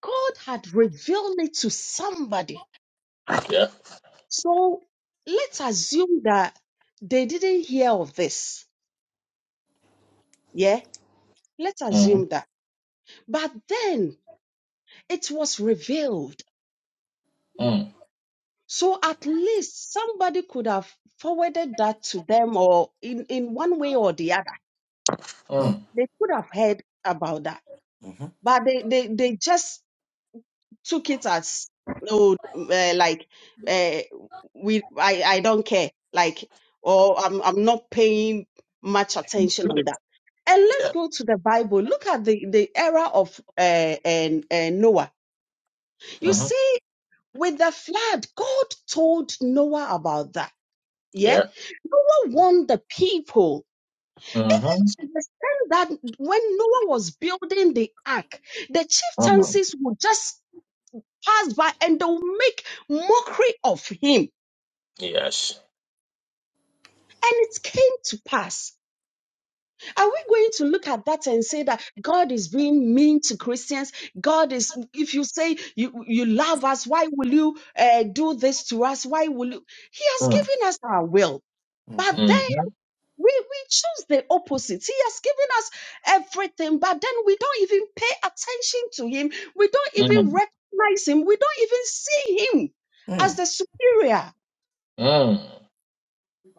C: God had revealed it to somebody.
A: Yeah.
C: So let's assume that they didn't hear of this. Yeah, let's
A: mm,
C: assume that. But then it was revealed.
A: mm,
C: So at least somebody could have forwarded that to them or in, in one way or the other.
G: Mhm.
A: mm,
C: They could have heard about that.
G: Mhm.
C: But they, they, they just took it as oh uh, like uh, we I I don't care like or I'm I'm not paying much attention
A: really,
C: on that. And let's
A: yeah,
C: go to the Bible. Look at the the era of uh, and uh, Noah. You
A: mm-hmm,
C: see, with the flood, God told Noah about that. Yeah,
A: yeah,
C: Noah warned the people
A: mm-hmm,
C: to understand that when Noah was building the ark, the
A: mm,
C: chieftaincies would just pass by and they will make mockery of him.
A: yes,
C: And it came to pass. Are we going to look at that and say that God is being mean to Christians? God is, if you say you, you love us, why will you uh, do this to us? Why will you? He has
A: mm,
C: given us our will. But
G: Mhm.
C: then
A: mm-hmm,
C: we, we choose the opposite. He has given us everything, but then we don't even pay attention to him. We don't even
A: mm,
C: recognize him. We don't even see him as
G: Mhm.
C: the superior.
A: mm,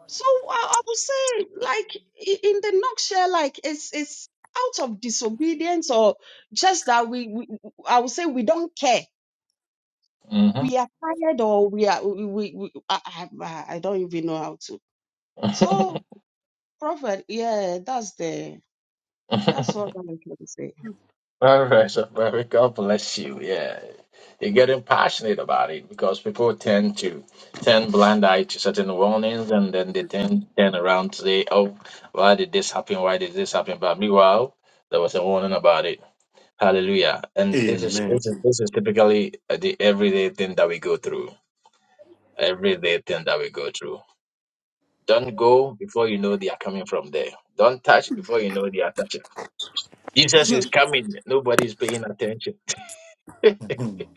C: So I, I would say, like i- in the nutshell, like it's it's out of disobedience or just that we, we I would say we don't care. We are tired or we are we, we, we I, I I I don't even know how to. So
A: mm-hmm.
C: prophet, yeah, that's the that's
A: [LAUGHS]
C: what I can say.
A: All right, so very God bless you. Yeah, you're getting passionate about it because people tend to turn blind eye to certain warnings, and then they then turn around to say, "Oh, why did this happen? Why did this happen?" But meanwhile, there was a warning about it. Hallelujah! And this is
G: Amen.
A: this is this is typically uh, the everyday thing that we go through. Everyday thing that we go through. Don't go before you know they are coming from there. Don't touch before you know they are touching. Jesus is coming. Nobody is paying attention.
G: Mhm.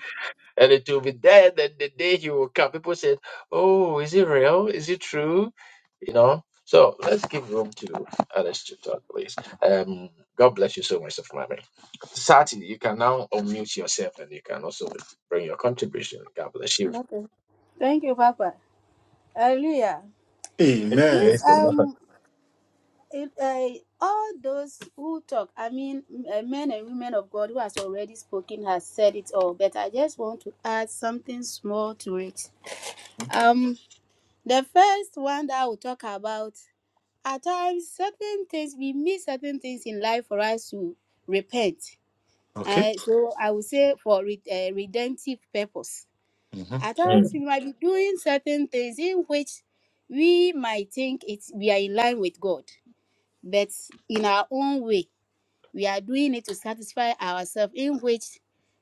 A: And it will be there then the day he will come. People said, Oh, is it real? Is it true? You know. So let's give room to others to talk, please. Um, God bless you so much, Sir Mami. Sati, you can now unmute yourself and you can also bring your contribution. God bless
P: Amen.
A: you.
P: Okay. Thank you, Papa. Hallelujah. Yes.
A: Praise
G: Amen.
A: the Lord.
P: Um. It, uh, all those who talk, I mean, m- uh, men and women of God who has already spoken has said it all. But I just want to add something small to it.
G: Mhm.
P: Um. The first one that I will talk about at times certain things we miss certain things in life for us to repent
G: Okay.
P: uh, so i would say for re- uh, redemptive purpose
G: Mhm.
P: at times
A: Mm,
P: we might be doing certain things in which we might think it's we are in line with god but in our own way we are doing it to satisfy ourselves in which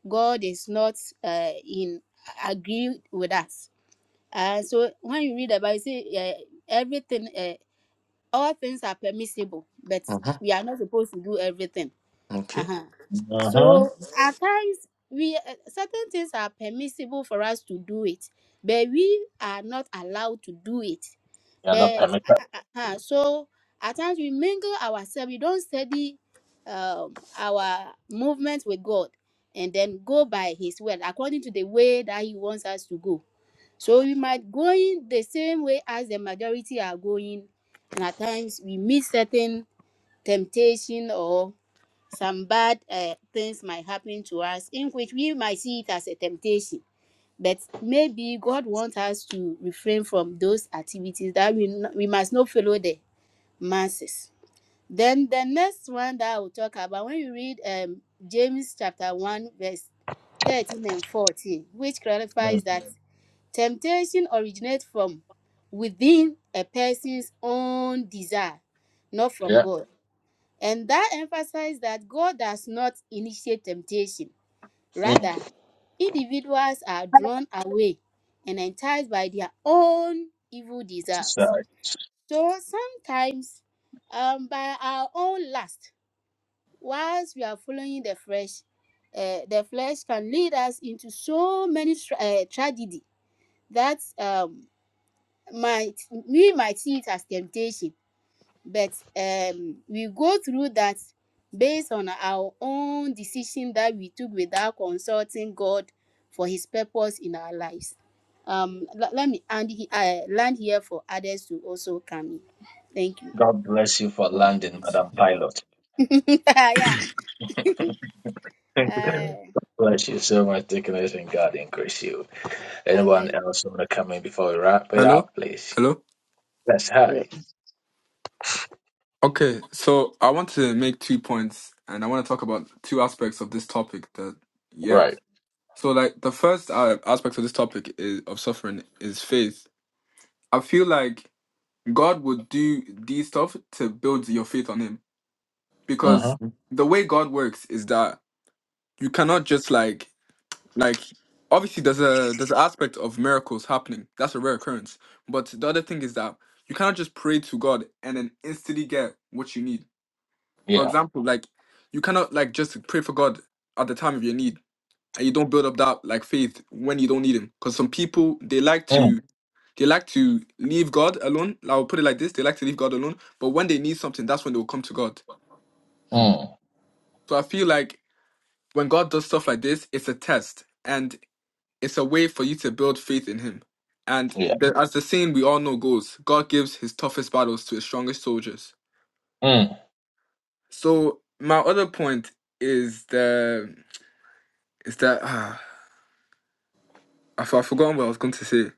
P: god is not uh, in agree with us and so when you read about it say uh, everything eh, all things are permissible, but
G: Mhm.
P: we are not supposed to do everything.
G: Okay.
P: Uh-huh. So at times we uh, certain things are permissible for us to do it, but we are not allowed to do it.
A: You're not
P: But
A: permitted.
P: uh, uh, uh, so at times we mingle ourselves. We don't study um, our movement with God, and then go by His word according to the way that He wants us to go. So we might going the same way as the majority are going, and at times we meet certain temptation or some bad uh, things might happen to us, in which we might see it as a temptation. But maybe God wants us to refrain from those activities that we n- we must not follow the masses. Then the next one that I will talk about when you read um, James chapter one verse thirteen and fourteen, which
A: Mm,
P: clarifies that. Temptation originates from within a person's own desire, not from
A: Yeah.
P: God. And that emphasizes that God does not initiate temptation.
A: Mm.
P: Rather, individuals are drawn away and enticed by their own evil desires.
A: Sorry.
P: So sometimes, um, by our own lust, whilst we are following the flesh, uh, the flesh can lead us into so many tra- uh, tragedy that um, might we might see it as temptation but um we go through that based on our own decision that we took without consulting god for his purpose in our lives um le- let me and he, uh, land here for others to also come in thank
A: God bless you for landing,
G: Mhm.
A: Madam Pilot.
P: you [LAUGHS] yeah
A: [LAUGHS]
P: uh,
A: Bless you so much, Deaconess, and God increase you. Anyone
P: amen
A: else want to come in before we wrap it
H: Hello?
A: up, please?
H: Hello?
A: That's high.
H: Okay, so I want to make two points and I want to talk about two aspects of this topic that, yeah.
A: Right.
H: So, like, the first uh, aspect of this topic is, of suffering is faith. I feel like God would do these stuff to build your faith on Him
A: Mm-hmm.
H: because the way God works is that you cannot just like like obviously there's a there's an aspect of miracles happening that's a rare occurrence but the other thing is that you cannot just pray to god and then instantly get what you need for
A: Yeah.
H: example like you cannot like just pray for god at the time of your need and you don't build up that like faith when you don't need him because some people they like
A: Mm,
H: to they like to leave god alone i'll put it like this they like to leave god alone but when they need something that's when they will come to god
A: mm,
H: so i feel like when god does stuff like this it's a test and It's a way for you to build faith in Him. And
A: yeah.
H: the, as the saying we all know goes, God gives His toughest battles to His strongest soldiers.
A: Mm.
H: So my other point is the is that ah, I for- I've forgotten what I was going to say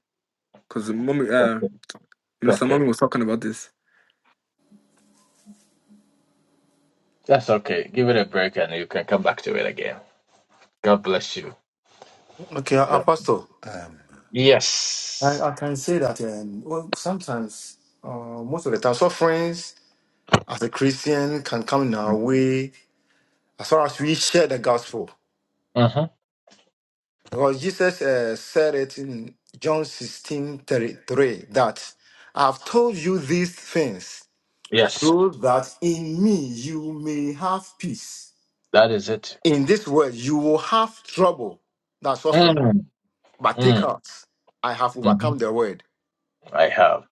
H: because mommy, uh,
A: Okay.
H: Minister
A: okay.
H: Mommy was talking about this.
A: That's okay. Give it a break and you can come back to it again. God bless you.
G: Okay, uh,
A: God.
G: Apostle. Um, I,
A: Yes.
G: I can say that um, well, sometimes, uh, most of the time, sufferings as a Christian can come in our way as far as we share the gospel.
A: Mm-hmm.
G: Because Jesus uh, said it in John sixteen thirty-three that I've told you these things
A: Yes.
G: so that in me you may have peace.
A: That is it.
G: In this world you will have trouble, that suffering,
A: Mm,
G: but take
A: mm,
G: heart. I have
A: mm-hmm.
G: overcome the world.
A: I have.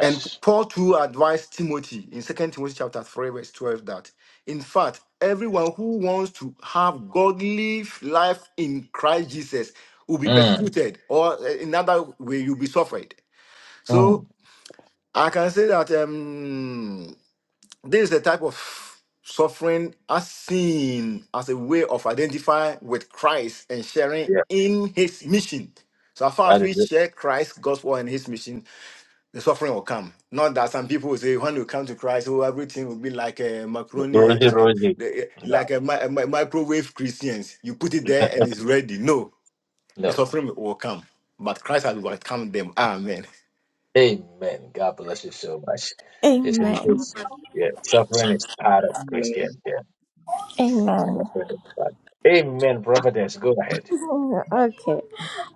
G: And Paul too advised Timothy in Second Timothy chapter 3, verse 12, that in fact, everyone who wants to have godly life in Christ Jesus will be
A: Mm,
G: persecuted, or uh, in other way, you'll be suffered.
A: mm.
G: So I can say that um, this is a type of suffering as seen as a way of identifying with Christ and sharing
A: Yeah.
G: in his mission. So as far as
A: That is
G: we
A: it.
G: share Christ's gospel and his mission, the suffering will come. Not that some people will say when you come to Christ, oh, everything will be like a macaroni, eh,
A: Rosie,
G: eh,
A: Rosie.
G: the- eh,
A: No.
G: like a, mi- a mi- microwave Christians. You put it there and it's ready. No, the
A: No.
G: suffering will come, but Christ has overcome them. Amen.
A: Amen. God bless you so much. It's in
Q: Amen.
A: this. Yeah, suffering is part of Christian. Yeah,
Q: Amen.
A: suffering is part. Amen. Providence, go ahead.
Q: [LAUGHS] Okay.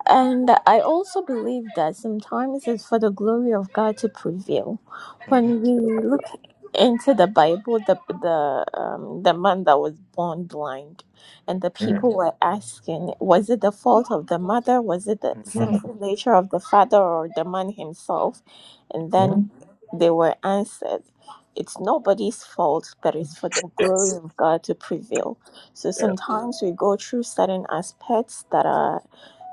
Q: And I also believe that sometimes it's for the glory of God to prevail.
G: Mhm,
Q: When we look into the Bible, the the um, the man that was born blind, and the
A: Mm,
Q: people
G: mhm,
Q: were asking, was it the fault of the mother? Was it the
A: mm,
G: mhm.
Q: sinful nature of the father or the man himself? And then
A: mm.
Q: they were answered, it's nobody's fault, but it's for the glory
A: Yes.
Q: of God to prevail. So
A: Yeah.
Q: sometimes we go through certain aspects that are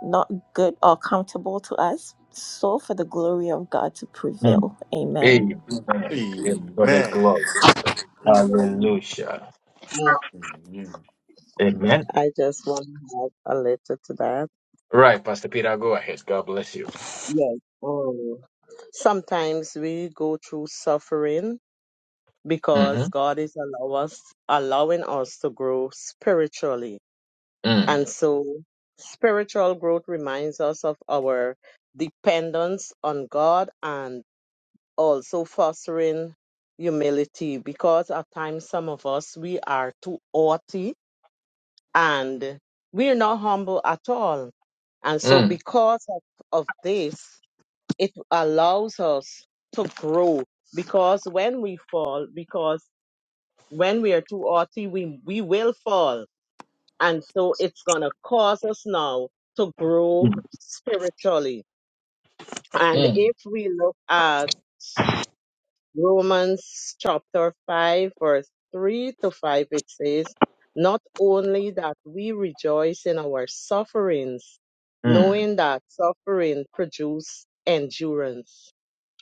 Q: not good or comfortable to us, so for the glory of God to
A: Mm.
Q: prevail. Amen.
A: Amen. Yeah, for the
G: Amen.
A: glory.
N: Amen.
A: Hallelujah.
N: I,
G: Amen. Mhm.
A: Amen.
N: I just want to add a little to that.
A: Right, Pastor Peter, go ahead. God bless you.
N: Yes. Oh. Sometimes we go through suffering
A: Mm-hmm.
N: because God is allow us, allowing us to grow spiritually.
A: Mm,
N: And so spiritual growth reminds us of our dependence on God and also fostering humility because at times some of us we are too haughty and we're not humble at all and so
A: mm,
N: because of, of this it allows us to grow because when we fall because when we are too haughty we, we will fall and so it's going to cause us now to grow
A: mm,
N: spiritually and
A: mm,
N: if we look at Romans chapter 5, verse 3 to 5, it says, Not only that we rejoice in our sufferings,
A: mm,
N: knowing that suffering produces endurance,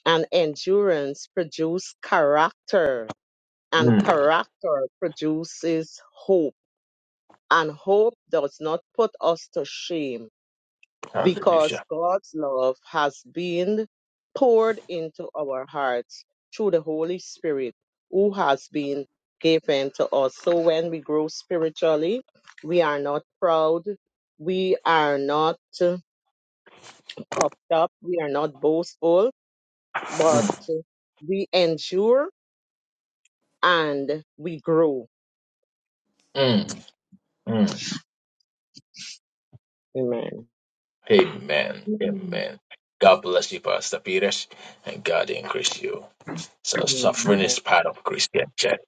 N: and endurance produces character, and
A: mm.
N: character produces hope, and hope does not put us to shame because
A: Hallelujah.
N: God's love has been poured into our hearts through the Holy Spirit who has been given to us. So when we grow spiritually, we are not proud, we are not uh, puffed up, we are not boastful, but
A: Mm,
N: uh, we endure and we grow.
A: mm, mm.
N: Amen.
A: Amen.
D: Mm.
A: Amen. God bless you, Pastor Peters, and God increase you. So suffering is part of Christian church.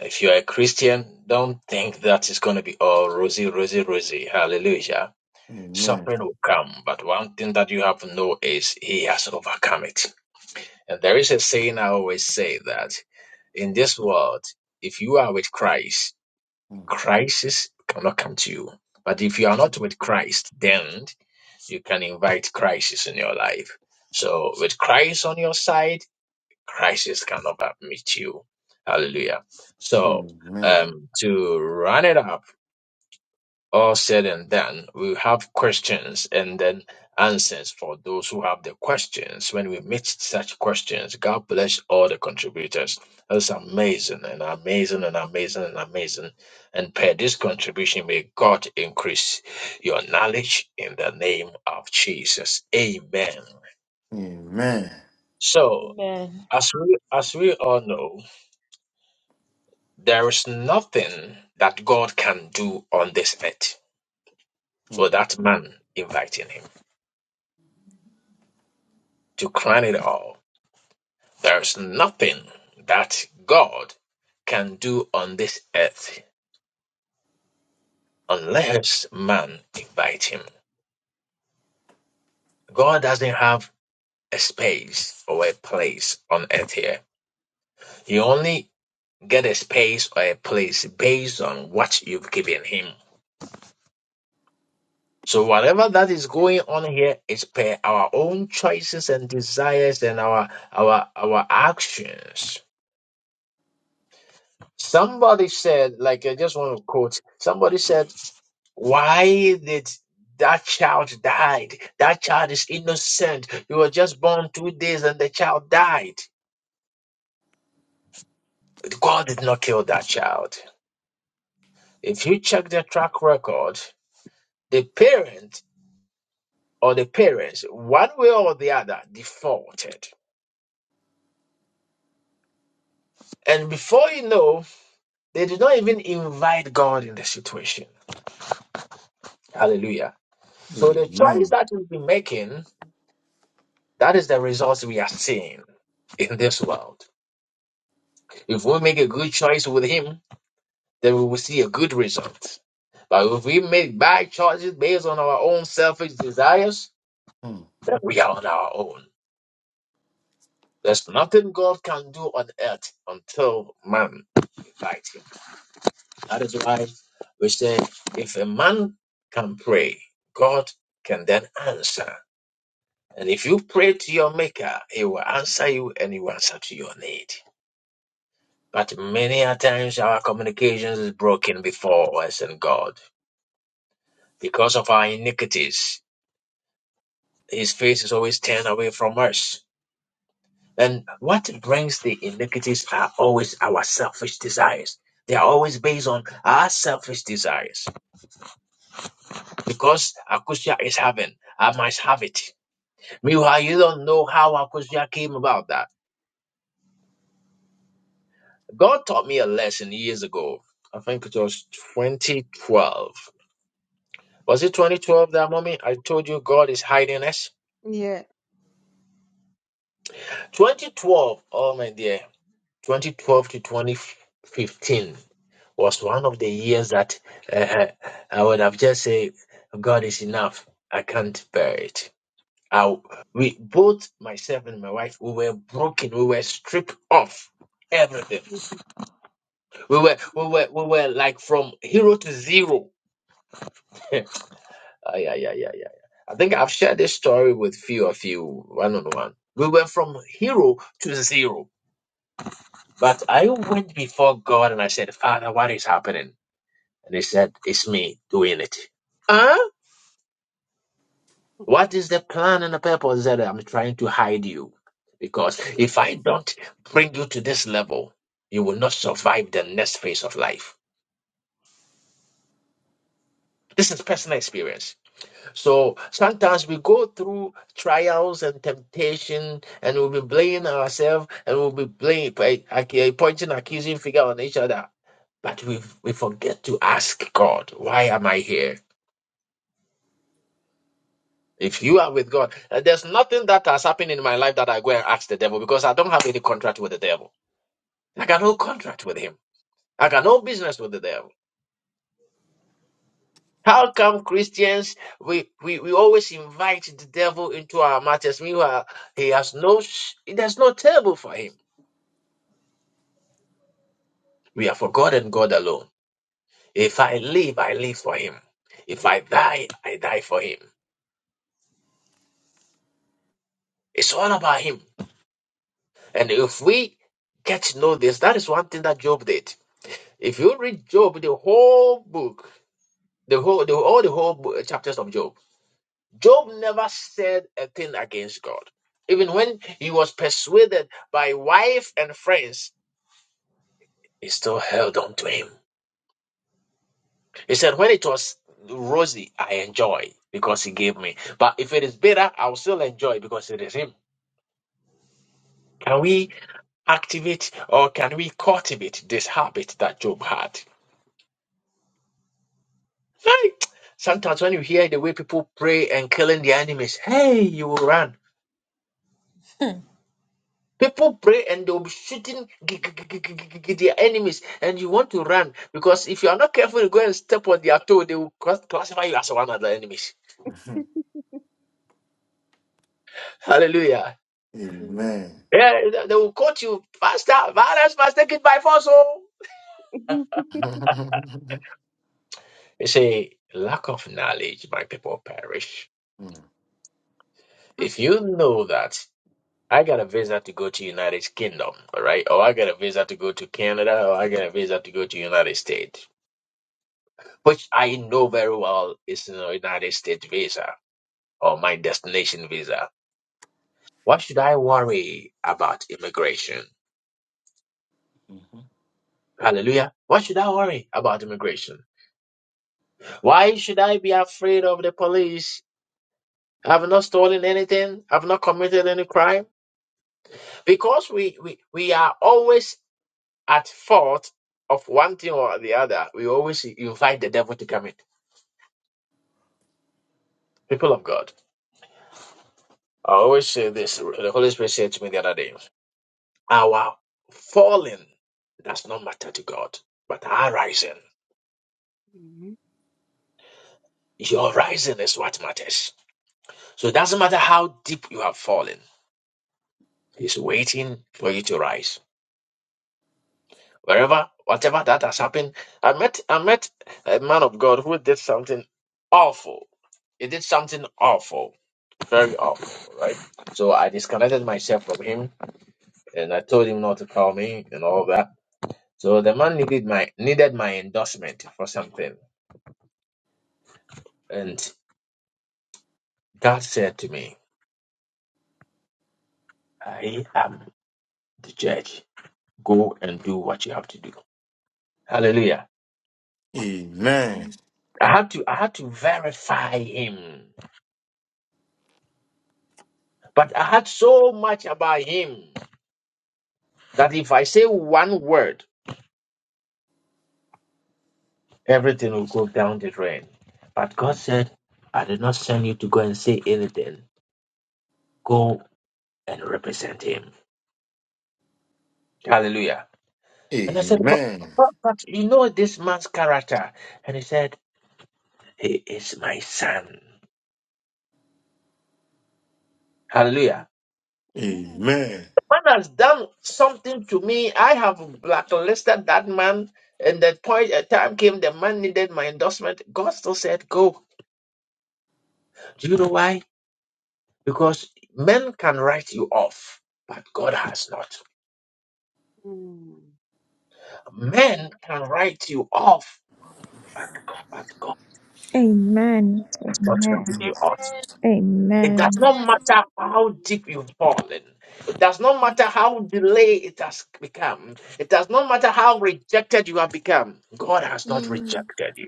A: If you're a Christian, don't think that it's going to be all rosy, rosy, rosy. Hallelujah.
G: Amen.
A: Suffering will come, but one thing that you have to know is He has overcome it. And there is a saying I always say that in this world, if you are with Christ, Crisis cannot come to you. But if you are
G: Mhm.
A: not with Christ, then you can invite crisis in your life. So with Christ on your side, crisis cannot meet you. Hallelujah. So
G: Amen.
A: um, to run it up. All said and done, we have questions and then answers for those who have the questions. When we meet such questions, God bless all the contributors. That's amazing and amazing and amazing and amazing. And per this contribution, may God increase your knowledge in the name of Jesus. Amen.
G: Amen.
A: So,
L: Amen.
A: as we as we all know, there is nothing that God can do on this earth
G: Mm.
A: without man inviting him. To crown it all, there's nothing that God can do on this earth unless man invites him. God doesn't have a space or a place on earth here. You only get a space or a place based on what you've given him. So whatever that is going on here is per our own choices and desires and our our our actions. Somebody said, like, I just want to quote, somebody said, why did that child died? That child is innocent. You were just born two days and the child died. But God did not kill that child. If you check their track record, the parent or the parents, one way or the other, defaulted. And before you know, they did not even invite God in the situation. Hallelujah. So the choice
G: Amen.
A: that we've been making That is the results we are seeing in this world. If we make a good choice with Him, then we will see a good result. But if we make bad choices based on our own selfish desires, then we are on our own. There's nothing God can do on earth until man invites him. That is why we say if a man can pray, God can then answer. And if you pray to your maker, he will answer you and he will answer to your need. But many a times our communications is broken before us and God because of our iniquities. His face is always turned away from us. And what brings the iniquities are always our selfish desires. They are always based on our selfish desires. Because Akusia is having, I must have it. Meanwhile, you don't know how Akusia came about that. God taught me a lesson years ago. I think it was 2012 Was it 2012 that moment I told you God is hiding us?
C: Yeah.
A: 2012, oh my dear, 2012 to 2015 was one of the years that uh, I would have just said, God is enough. I can't bear it. I, we both, myself and my wife, we were broken. We were stripped off everything. We were, we were, we were like from hero to zero. [LAUGHS] Ah, yeah, yeah, yeah, yeah. yeah. I think I've shared this story with few of you one on one. We went from hero to zero, but I went before God and I said, Father, what is happening? And He said, It's me doing it. Huh? What is the plan and the purpose that I'm trying to hide you? Because if I don't bring you to this level, you will not survive the next phase of life. This is personal experience. So sometimes we go through trials and temptation, and we'll be blaming ourselves, and we'll be blaming, like, ac- pointing accusing finger on each other. But we we forget to ask God, why am I here? If you are with God, uh, there's nothing that has happened in my life that I go and ask the devil because I don't have any contract with the devil. I got no
C: Mhm.
A: contract with him. I got no business with the devil. How come Christians we, we, we always invite the devil into our matters? Meanwhile, he has no sh- there's no table for him. We are for God and God alone. If I live, I live for him. If I die, I die for him. It's all about him. And if we get to know this, that is one thing that Job did. If you read Job, the whole book, the whole the, all the whole bo- chapters of Job. Job never said a thing against God. Even when he was persuaded by wife and friends, he still held on to him. He said, When it was rosy, I enjoy because he gave me. But if it is bitter, I'll still enjoy because it is him. Can we activate or can we cultivate this habit that Job had? Hey, Sometimes when you hear the way people pray and killing their enemies, hey, you will run.
L: [LAUGHS]
A: People pray and they'll be shooting g- g- g- g- g- g- their enemies, and you want to run because if you are not careful, you go and step on their toe, they will class- classify you as one of the enemies.
G: Mm. [LAUGHS]
A: Hallelujah.
C: Amen. [LAUGHS]
A: Yeah, they they will quote you, Pastor, violence must take it by force. oh."
G: Amen. [LAUGHS]
A: You see, lack of knowledge, my people perish. If you know that I got a visa to go to United Kingdom, all right, or I got a visa to go to Canada, or I got a visa to go to United States, which I know very well is a United States visa or my destination visa. Why should I worry about immigration?
G: Mm.
A: Hallelujah. Why should I worry about immigration? Why should I be afraid of the police? I've not stolen anything. I've not committed any crime. Because we, we, we are always at fault of one thing or the other. We always invite the devil to come in. People of God, I always say this. The Holy Spirit said to me the other day, our falling does not matter to God, but our rising.
C: Amen.
A: Your rising is what matters. So it doesn't matter how deep you have fallen. He's waiting for you to rise. Wherever, whatever that has happened, I met I met a man of God who did something awful. He did something awful, very awful, right? So I disconnected myself from him, and I told him not to call me and all that. So the man needed my needed my endorsement for something, and God said to me, "I am the judge. Go and do what you have to do." Hallelujah.
G: Amen.
C: Amen.
A: I had to I had to verify him. But I had so much about him that if I say one word, everything will go down the drain. But God said, I did not send you to go and say anything. Go and represent him. Hallelujah. And I said, but,
G: Amen.
A: but, but you know this man's character. And he said, He is my son. Hallelujah.
C: Amen.
G: Amen.
A: man has done something to me. I have blacklisted that man. And the point a time came, the man needed my endorsement. God still said, Go. Do you know why? Because men can write you off, but God has not.
C: Mm. Thank you.
A: Men can write you off, but God has
Q: Amen.
A: not written
Q: Amen.
A: you off. It does
Q: Amen.
A: not matter how deep you've fallen. It does not matter how delayed it has become. It does not matter how rejected you have become. God has not
P: Mm.
A: rejected you.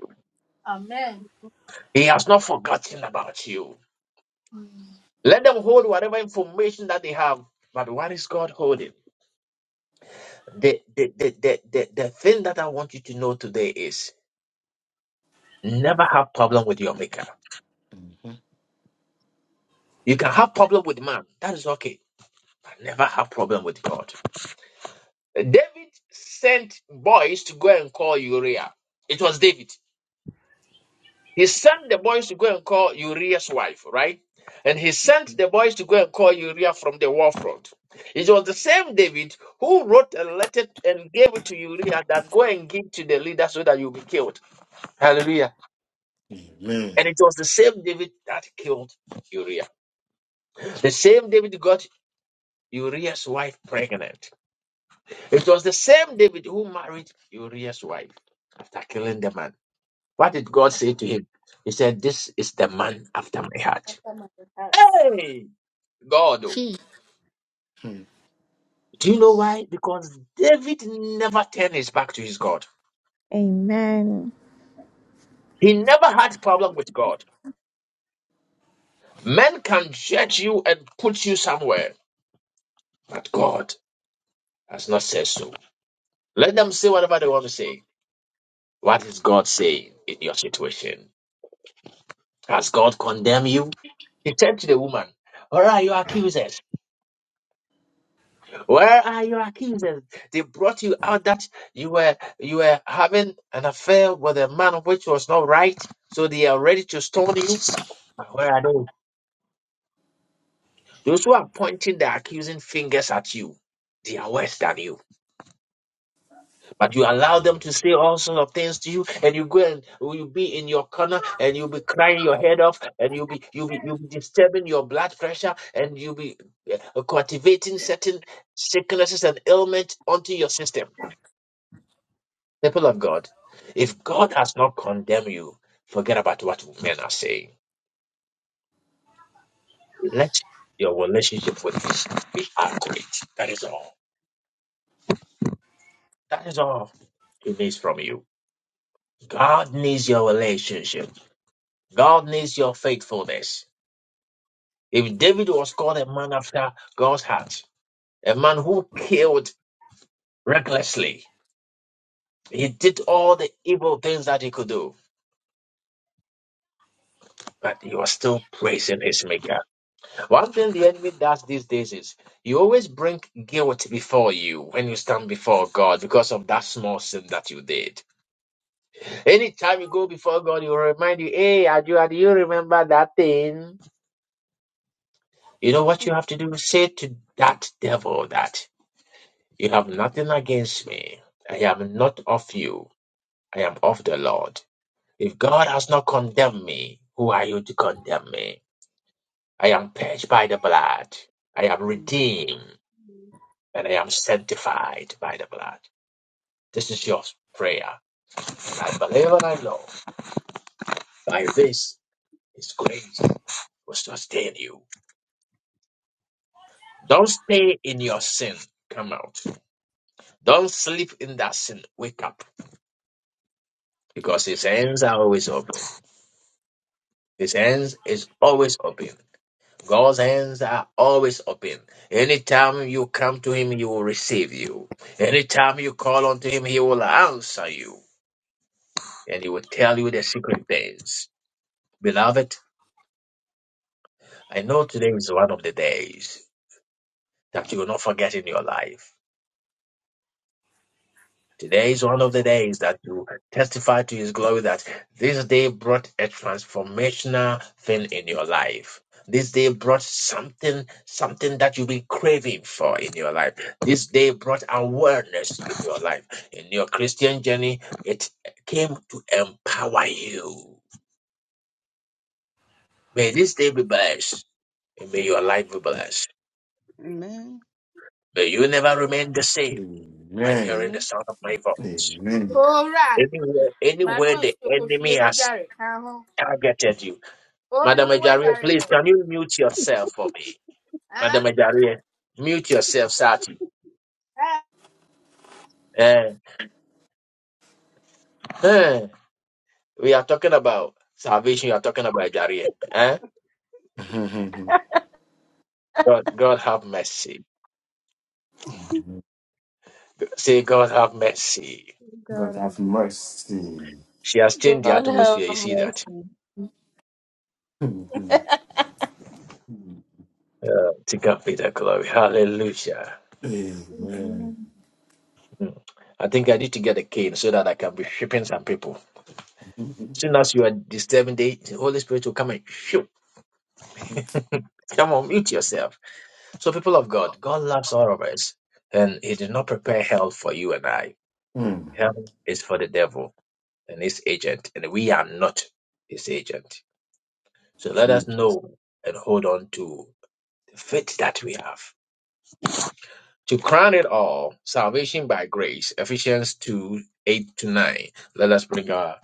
P: amen
A: He has not forgotten about you.
P: Mm,
A: Let them hold whatever information that they have. But what is God holding? The, the, the, the, the, the thing that I want you to know today is never have problem with your maker.
G: Mhm.
A: You can have problem with man. That is okay. But never have problem with God. David sent boys to go and call Uriah. It was David. He sent the boys to go and call Uriah's wife, right? And he sent the boys to go and call Uriah from the war front. It was the same David who wrote a letter and gave it to Uriah that go and give to the leader so that you'll be killed. Hallelujah.
G: Amen.
A: And it was the same David that killed Uriah. The same David got Uriah's wife pregnant. It was the same David who married Uriah's wife after killing the man. What did God say to him? He said, This is the man after my heart.
P: after my heart
A: Hey! God. oh.
P: She.
G: Hmm.
A: Do you know why? Because David never turned his back to his God.
Q: Amen.
A: He never had problem with God. Men can judge you and put you somewhere, but God has not said so. Let them say whatever they want to say. What is God saying in your situation? Has God condemned you? He said to the woman, All right, you are accusers. Where are your accusers? They brought you out that you were you were having an affair with a man which was not right, so they are ready to stone you. But Where are those? Those who are pointing their accusing fingers at you, they are worse than you. But you allow them to say all sorts of things to you, and you go and you be in your corner, and you'll be crying your head off, and you'll be you'll be you'll be disturbing your blood pressure, and you'll be uh, cultivating certain sicknesses and ailments onto your system. People of God, if God has not condemned you, forget about what men are saying. Let your relationship with Him be accurate. That is all. That is all He needs from you. God needs your relationship. God needs your faithfulness. If David was called a man after God's heart, a man who killed recklessly, he did all the evil things that he could do, but he was still praising his Maker. One thing the enemy does these days is you always bring guilt before you when you stand before God because of that small sin that you did. Anytime you go before God, he will remind you, hey, Adua, do you remember that thing? You know what you have to do? Say to that devil that you have nothing against me. I am not of you. I am of the Lord. If God has not condemned me, who are you to condemn me? I am purged by the blood. I am redeemed. and I am sanctified by the blood. This is your prayer. I believe and I know by this His grace will sustain you. Don't stay in your sin. Come out. Don't sleep in that sin. Wake up. Because His hands are always open. His hands is always open. God's hands are always open. Anytime you come to Him, He will receive you. Anytime you call unto Him, He will answer you. And He will tell you the secret things. Beloved, I know today is one of the days that you will not forget in your life. Today is one of the days that you testify to His glory that this day brought a transformational thing in your life. This day brought something, something that you've been craving for in your life. This day brought awareness in your life. In your Christian journey, it came to empower you. May this day be blessed. And may your life be blessed.
C: Amen. Amen.
A: May you never remain the same. by
G: Amen.
A: hearing the sound of
C: Amen.
A: my voice.
G: Amen.
P: owura
A: Anywhere, anywhere
P: manuel
A: the
P: sokofie
A: enemy
P: ne
A: has
P: dware ka ho
A: targeted you.
P: Obi,
A: Madam
P: who was
A: Ejaria,
P: that right
A: please, can you mute yourself for me?
P: Huh?
A: Madam Ejaria, mute yourself, Sati.
P: Ah.
A: Eh, eh, we are talking about salvation, you are talking about Ejaria. Eh?
G: Mhm.
A: God, God have mercy. Say, God have mercy.
G: God
C: God of
G: have mercy.
A: She has changed the
L: God have
A: atmosphere. You see that?
L: mercy. [LAUGHS]
G: Mhm.
A: To God be the glory. Hallelujah.
G: Amen.
C: Amen.
A: Hmm. I think I need to get a cane so that I can be shipping some people.
G: Hmm.
A: Soon as you are disturbing the the Holy Spirit will come and shoot. [LAUGHS] Come on, mute yourself. So, people of God, God loves all of us, and He did not prepare hell for you and I. Hell is for the devil and his agent, and we are not his agent. So, let
G: Hmm.
A: us know and hold on to the faith that we have. To crown it all, salvation by grace, Ephesians 2 8 to 9. Let us bring our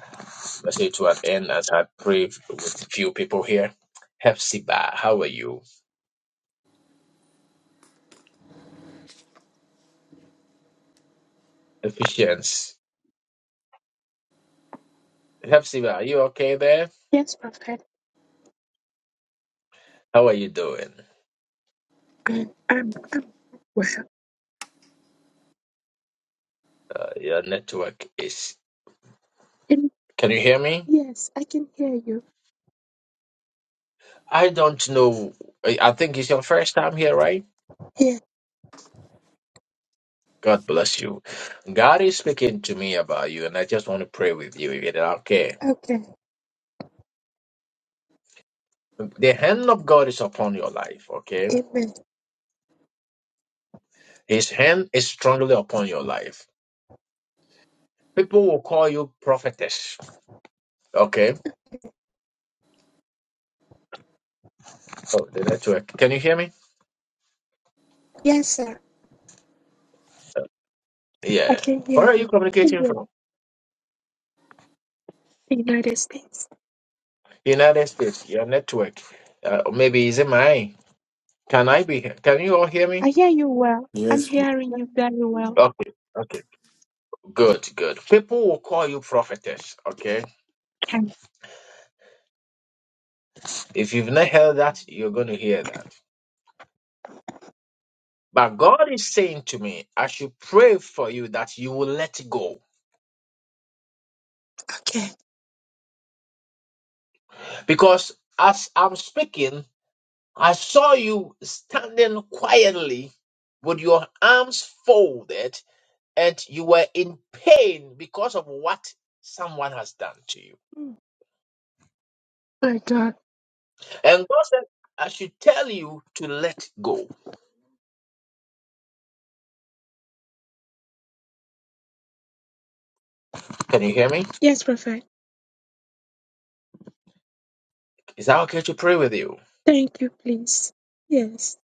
A: message to an end as I pray with few people here. Hepzibah, how are you? Ephesians. Hepzibah, are you okay there?
R: Yes, Prophet.
A: How are you doing?
R: [CLEARS THROAT] I'm, I'm, I'm well.
A: Uh, your network is.
R: And
A: Can you hear me?
R: yes, I can hear you.
A: I don't know. I I think it's your first time here, right?
R: Yeah,
A: God bless you. God is speaking to me about you, and I just want to pray with you if you're okay.
R: okay.
A: The hand of God is upon your life, okay?
R: Amen.
A: His hand is strongly upon your life. People will call you prophetess, okay? Oh, the network. Can you hear me?
R: Yes, sir. I
A: Yeah.
R: can
A: Where
R: hear
A: are you
R: you.
A: communicating from?
R: Amen. The United States.
A: United States, your network. Uh, maybe is it mine? Can I be? here? Can you all hear me?
R: I hear you well. I'm
G: Yes. we-
R: hearing you very well.
A: Okay. Okay. Good, good. People will call you prophetess, okay?
R: Okay.
A: If you've not heard that, you're going to hear that. But God is saying to me, I should pray for you that you will let go
R: Okay.
A: Because as I'm speaking, I saw you standing quietly with your arms folded and you were in pain because of what someone has done to you.
R: Mm. My God.
A: And God said, I should tell you to let go. Can you hear me?
R: Yes, Prophet.
A: Is that okay to pray with you?
R: Thank you, please. Yes.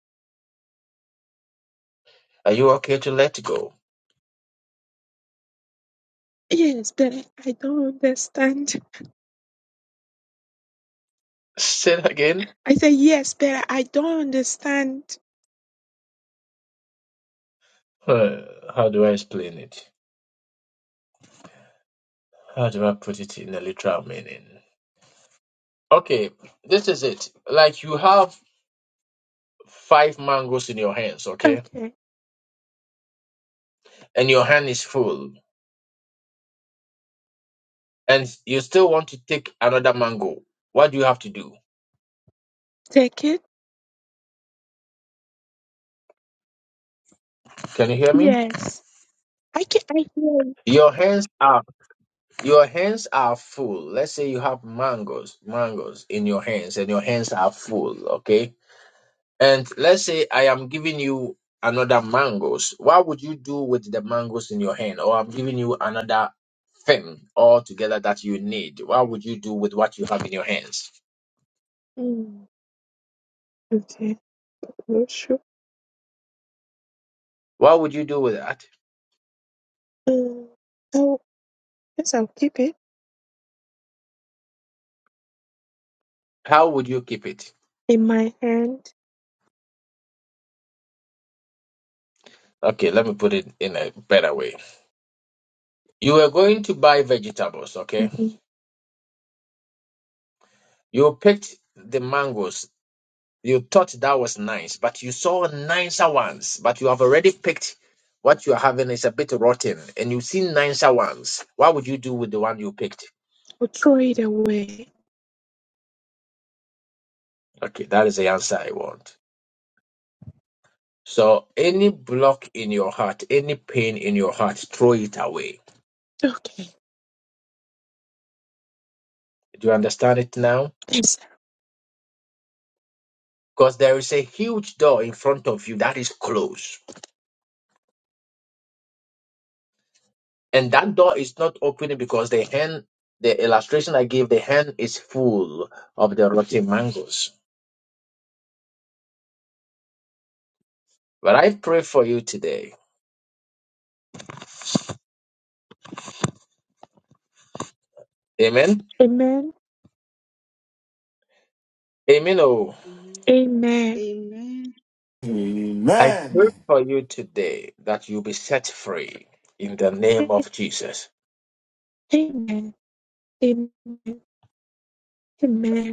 A: Are you okay to let go?
R: Yes, but I don't understand.
A: [LAUGHS] Say it again.
R: I say yes, but I don't understand.
A: Uh, how do I explain it? How do I put it in a literal meaning? Okay, this is it. Like you have five mangoes in your hands, okay?
R: Okay.
A: And your hand is full, and you still want to take another mango. What do you have to do?
R: Take it.
A: Can you hear me?
R: Yes. I can I hear you.
A: Your hands are your hands are full. Let's say you have mangoes, mangoes in your hands, and your hands are full, okay? And let's say I am giving you another mangoes. What would you do with the mangoes in your hand? Or I'm giving you another thing altogether that you need. What would you do with what you have in your hands?
R: Mm. Okay. Worship.
A: What would you do with that?
R: Uh, I yes. I'll keep it
A: How would you keep it?
R: in my hand.
A: Okay, let me put it in a better way. You were going to buy vegetables, okay?
R: hmm
A: You picked the mangoes. You thought that was nice, but you saw nicer ones. But you have already picked what you're having is a bit rotten, and you've seen nicer ones. What would you do with the one you picked?
R: Or throw it away.
A: Okay, that is the answer I want. So, any block in your heart, any pain in your heart, throw it away.
R: Okay.
A: Do you understand it now?
R: Thanks.
A: Because there is a huge door in front of you that is closed and that door is not opening because the hand the illustration i gave the hand is full of the rotten mangoes but i pray for you today amen
R: Amen.
A: amen oh
C: Amen.
R: Amen.
C: Amen.
A: i pray
G: Amen.
A: for you today that you be set free in the name of jesus
R: Amen. Amen. Amen.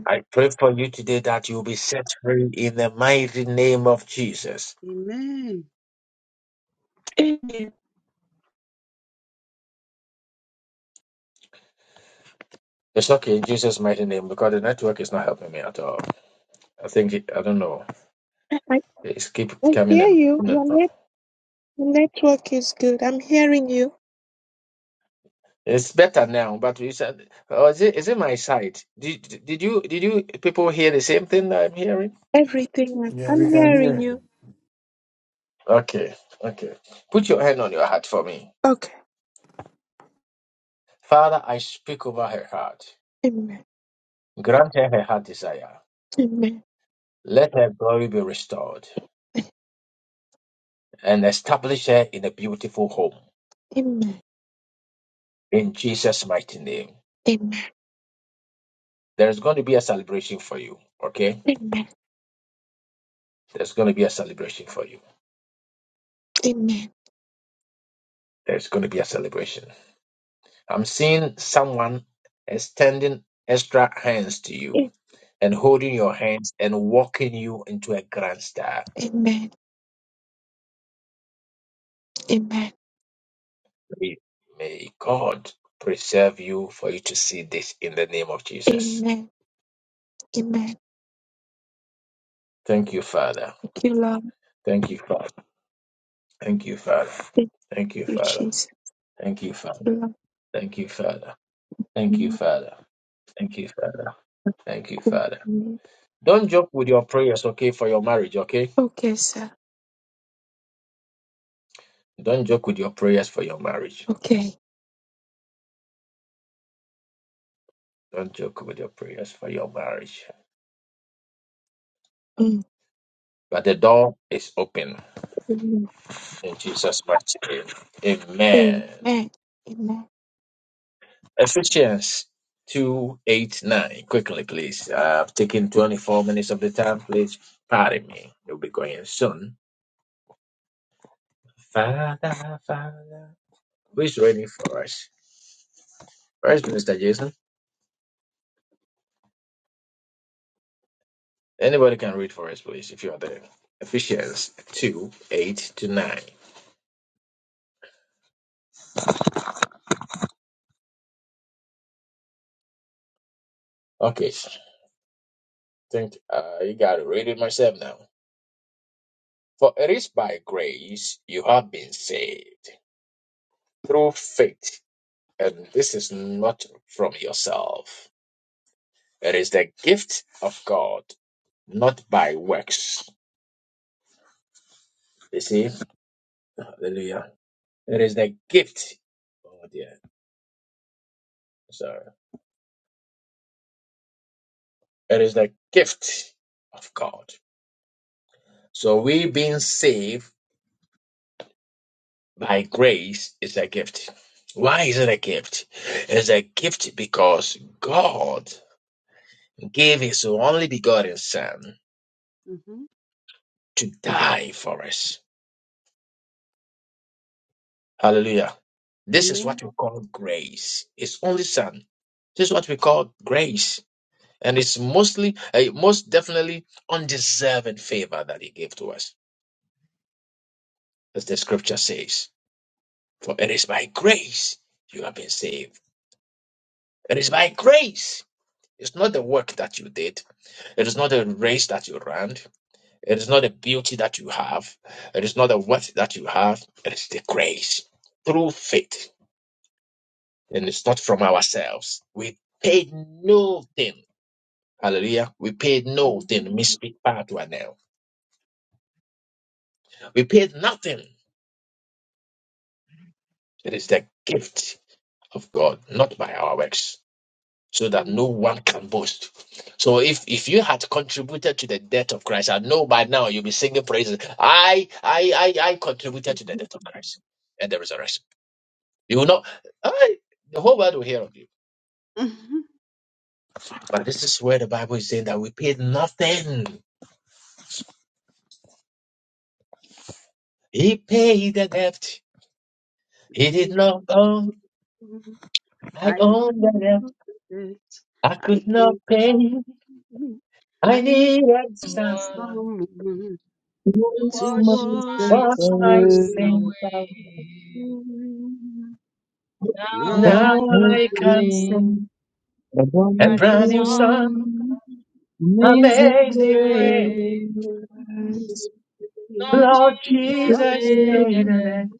A: i pray for you today that you be set free in the mighty name of jesus
C: Amen.
R: Amen.
A: it's okay in jesus mighty name because the network is not helping me at all i think it, i don't know
R: I, I
A: it's keep
R: I
A: coming
R: hear you. Your
A: and
R: net, network is good. I'm hearing you.
A: It's better now, but you said, oh, is it, is it my side? Did, did you did you people hear the same thing that I'm hearing?
R: Everything. I'm,
G: Yeah, we
R: I'm
G: can
R: hearing
G: hear.
R: you.
A: Okay, okay. Put your hand on your heart for me.
R: Okay.
A: Father, I speak over her heart.
R: Amen.
A: Grant her her heart desire.
R: Amen.
A: Let her glory be restored and establish her in a beautiful home.
R: Amen.
A: In Jesus' mighty name.
R: Amen.
A: There's going to be a celebration for you, okay?
R: Amen. Amen.
A: There's going to be a celebration for you.
R: Amen.
A: There's going to be a celebration. I'm seeing someone extending extra hands to you and holding your hands and walking you into a grand star.
R: Amen.
A: May may God preserve you for you to see this in the name of Jesus.
R: Amen. Amen.
A: Thank you, Father.
R: Thank you, Lord.
A: Thank you, Father. Thank you, Father.
R: Thank
A: Thank you,
R: you,
A: Father.
R: Jesus.
A: Thank you, Father.
R: Kila
A: Thank you, Father. Thank you, Father. Thank you, Father. Thank you, Father.
R: nikubali.
A: Don't joke with your prayers, okay, for your marriage, okay?
R: Okay, sir.
A: Don't joke with your prayers for your marriage.
R: Okay.
A: Don't joke with your prayers for your marriage.
R: Mm.
A: But the door is open.
R: Amen.
A: In Jesus' mighty name. Amen.
R: Amen.
A: Ephesians 2 8 9. Quickly, please. I've taken 24 minutes of the time. Please pardon me. You'll be going soon. Father, Father. Who's reading for us? First, Minister Jason. Anybody can read for us, please, if you are there. Ephesians 2 8 to 9. Okay. Think uh, you got to read it myself now. For it is by grace you have been saved through faith And this is not from yourself. It is the gift of God, not by works. You see? Hallelujah. It is the gift. Oh dear. Sorry. It is the gift of God. So we being saved by grace is a gift. Why is it a gift? It's a gift because God gave his only begotten son
C: Mm-hmm.
A: to die for us Hallelujah. This is
C: Amen.
A: what we call grace. It's only son. This is what we call grace. And it's mostly, uh, most definitely undeserved favor that he gave to us. As the scripture says, for it is by grace you have been saved. It is by grace. It's not the work that you did. It is not the race that you ran. It is not the beauty that you have. It is not the wealth that you have. It is the grace through faith. and it's not from ourselves. We paid nothing. Hallelujah. We paid nothing. Me
C: Amen.
A: speak bad right now. We paid nothing. It is the gift of God, not by our works, so that
C: Mm.
A: no one can boast. So if if you had contributed to the death of Christ, I know by now you'll be singing praises. I I I I contributed to the
C: Mhm.
A: death of Christ and the resurrection. You will not I, the whole world will hear of you. But this is where the Bible is saying that we paid nothing. He paid the debt. It is not on
C: Mhm.
A: my
C: I
A: own
C: own
A: that
C: it.
A: I
C: I
A: could
C: can
A: not
C: do it.
A: pay. I
C: I need
A: needed
D: Someone
A: someone
C: someone
S: Yes,
C: to
S: my
D: wash
S: Most
C: wash
D: my
C: my
A: wash my
D: sins
C: feet.
S: merciful,
A: sins out.
D: away. Now I
A: Now
C: Now,
A: I can
D: sing
S: comforting,
A: sing a
D: a new
A: brand new
D: song,
A: song.
S: abominable, amazing
D: amazing
A: Amazing
C: Amen. Mm,
A: grace,
D: grace.
S: grace. That
D: Lord
A: Lord
D: Jesus
A: Jesus,
D: paid
A: say
D: the
A: the
D: debt
A: name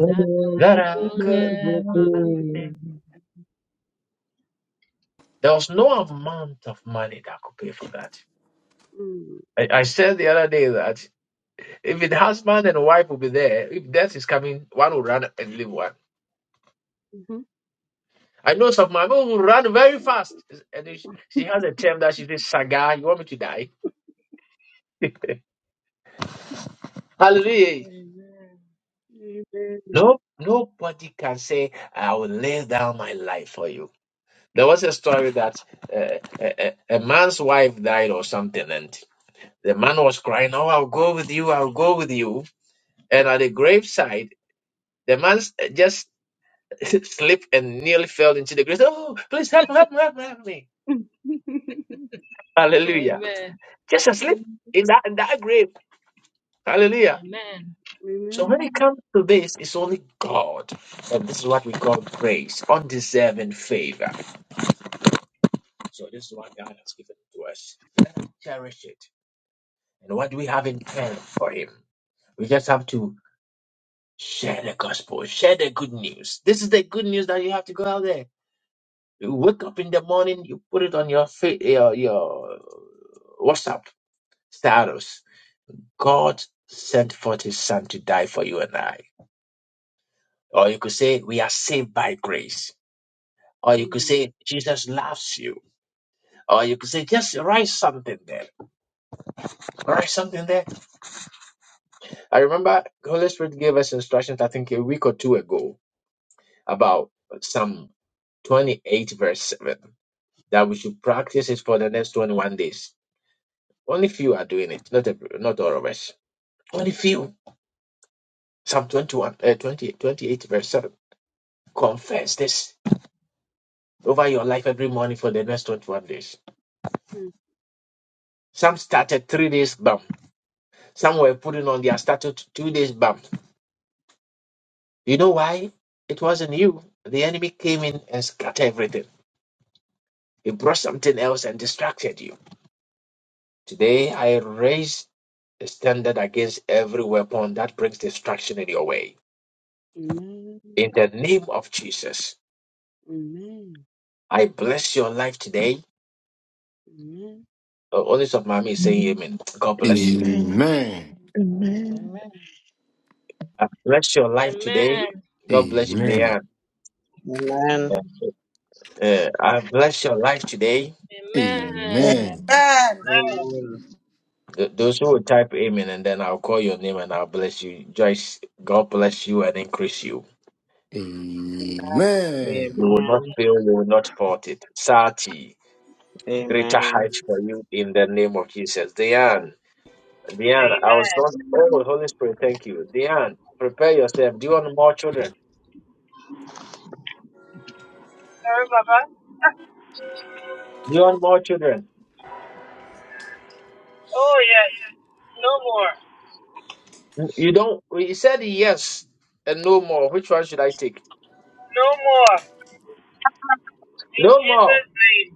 S: I
D: that I
A: that
S: could
A: I
D: could
A: could
S: never
A: never
D: never.
A: pay.
S: fail.
A: There was no amount of money that could pay for that. I, I said the other day that if the husband and wife will be there, if death is coming, one will run and leave one. I know some my mom will run very fast. And she she has a term that she says, Saga, you want me to die? [LAUGHS] Hallelujah. No, nobody can say, I will lay down my life for you. There was a story that uh, a, a a man's wife died or something, and the man was crying, Oh, I'll go with you, I'll go with you. And at the graveside, the man s- just [LAUGHS] slipped and nearly fell into the grave. Oh, please help me, help me, help me, help me. Hallelujah.
D: Amen.
A: Just asleep
C: mm.
A: in that, in that grave. Hallelujah.
D: Amen.
A: So when it
C: Amen.
A: comes to this, it's only God. And this is what we call grace, undeserving favor. So this is what God has given to us. Let us cherish it. And what do we have in turn for Him? We just have to share the gospel, share the good news. This is the good news that you have to go out there. You wake up in the morning, you put it on your fa- your, your WhatsApp status. God sent forth His Son to die for you and I. Or you could say, we are saved by grace. Or you could
C: Amen.
A: say, Jesus loves you. Or you could say, just write something there. Write something there. I remember Holy Spirit gave us instructions, I think a week or two ago, about Psalm 28, verse 7, that we should practice it for the next 21 days. Only few are doing it, not, every, not all of us. Only few. Psalm 21, uh, 20, 28, verse 7. Confess this over your life every morning for the next 21 days. Some started three days, bam. Some were putting on their statute two days, bam You know why? It wasn't you. The enemy came in and scattered everything. He brought something else and distracted you. Today, I raise a standard against every weapon that brings distraction in your way.
C: Amen.
A: In the name of Jesus, I bless your life today.
C: Mhm.
A: Oh, Only some mommy is saying amen.
R: Amen.
A: God bless you.
R: Amen.
G: Amen.
R: Amen.
O: Amen.
A: I bless your life today.
D: Amen.
A: God bless you,
G: Amen.
A: Diane.
N: Amen.
O: Amen.
A: Uh, I bless your life today.
T: Amen.
D: Amen.
G: Amen.
O: Amen.
N: Amen.
A: Th- those who will type amen and then I'll call your name and I'll bless you. Joyce, God bless you and increase you.
G: Amen.
A: You will not
N: Amen.
A: fail, you will not fault it. Sati, greater
N: Amen.
A: heights for you in the name of Jesus. Diane, Diane, I was not,
U: Amen.
A: oh, Holy Spirit, thank you. Diane, prepare yourself. Do you want more children?
U: Sorry, Papa.
A: Do you want more children?
U: Oh, yes. No more.
A: You don't, you said yes and no more. Which one should I take?
U: No more. In
A: No more.
U: Jesus' name.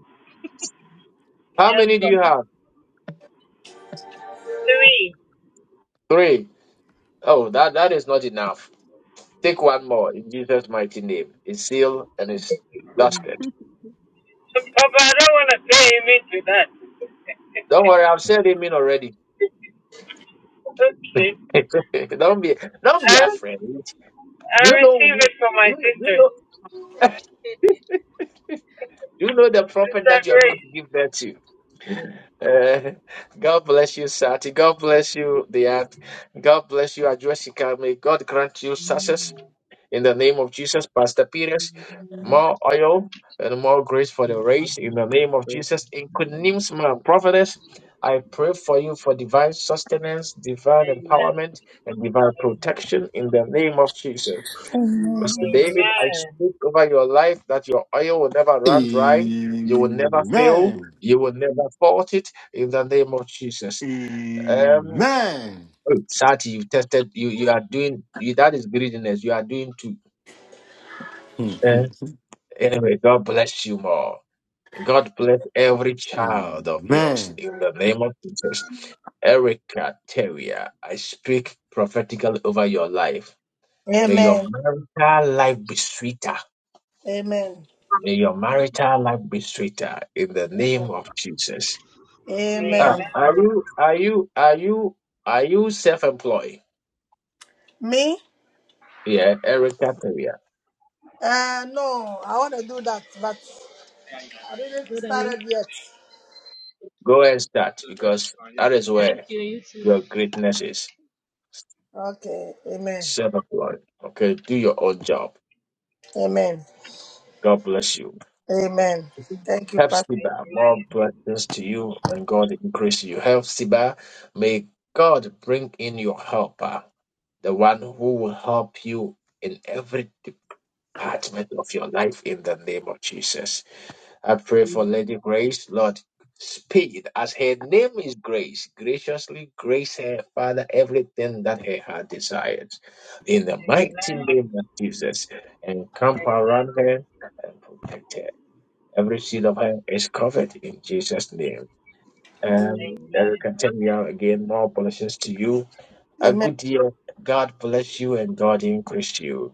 A: How
U: Yes,
A: many do you
U: Papa.
A: have?
U: Three.
A: Three. Oh, that, that is not enough. Take one more in Jesus' mighty name. It's sealed and it's
C: Amen.
A: dusted.
U: So, Papa, I don't want to say amen to that.
A: Don't worry, I've said amen already.
U: [LAUGHS] okay.
A: [LAUGHS] don't be don't be
U: I, re-
A: afraid. Do
U: I
A: you know
U: receive
A: who-
U: it from
A: do
U: my
A: you, know- do you
U: sisters.
A: know do you know the prophet
U: Sister
A: that you are going to
U: Grace.
A: give birth to? Uh, God bless you, Sati. God bless you, the aunt. God bless you, Adressika. May God grant you
O: Amen.
A: success
O: Amen.
A: in the name of Jesus, Pastor Peters.
O: Amen.
A: More oil and more grace for the race in the name of
N: Amen.
A: Jesus. In good names, my prophetess, I pray for you for divine sustenance, divine
U: Amen.
A: empowerment, and divine
U: Amen.
A: protection in the name of Jesus.
C: Amen.
A: Pastor David, I
U: Amen.
A: speak over your life that your oil will never run dry. You will never fail.
G: Amen.
A: You will never fault it in the name of Jesus. Um,
G: Amen.
A: oh, Sati, you tested. You you are doing. You, that is greediness. You are doing too.
G: [LAUGHS]
A: Eh?
G: Amen.
A: Anyway, God bless you more. God bless every child of yours
G: Amen.
A: in the name of Jesus. Erica Teria, I speak prophetically over your life. May your
T: Amen.
A: marital life be sweeter
T: Amen.
A: May your
C: Amen.
A: marital life be straighter in the name of Jesus. Ah,
C: Amen. Amen.
T: Amen.
A: are
U: Amen.
A: you are you are you are you self-employed?
T: Me?
A: Yeah, Erica Terrier.
T: Uh no, I want to do that, but I didn't
D: Good on you.
T: started yet.
A: Go and start because that is
D: Thank
A: where
D: you, you too.
A: your greatness is.
T: Okay. Amen.
A: Self-employed. Okay, do your own job.
T: Amen.
A: God bless you.
T: Amen. Thank you,
A: Help
T: Pastor.
A: Siba, more blessings to you and God increase you. Help Siba, may God bring in your helper, the one who will help you in every department of your life in the name of Jesus. I pray for
C: Amen.
A: Lady Grace, Lord. Speed as her name is Grace, graciously grace her, Father, everything that her heart desires. In the mighty
U: Amen.
A: name of Jesus, and camp
U: Amen.
A: around her and protect her. Every seed of her is covered in Jesus' name. And
C: Amen.
A: Erica, tell me out again. More blessings to you. A
T: Amen.
A: good year. God bless you and God increase you.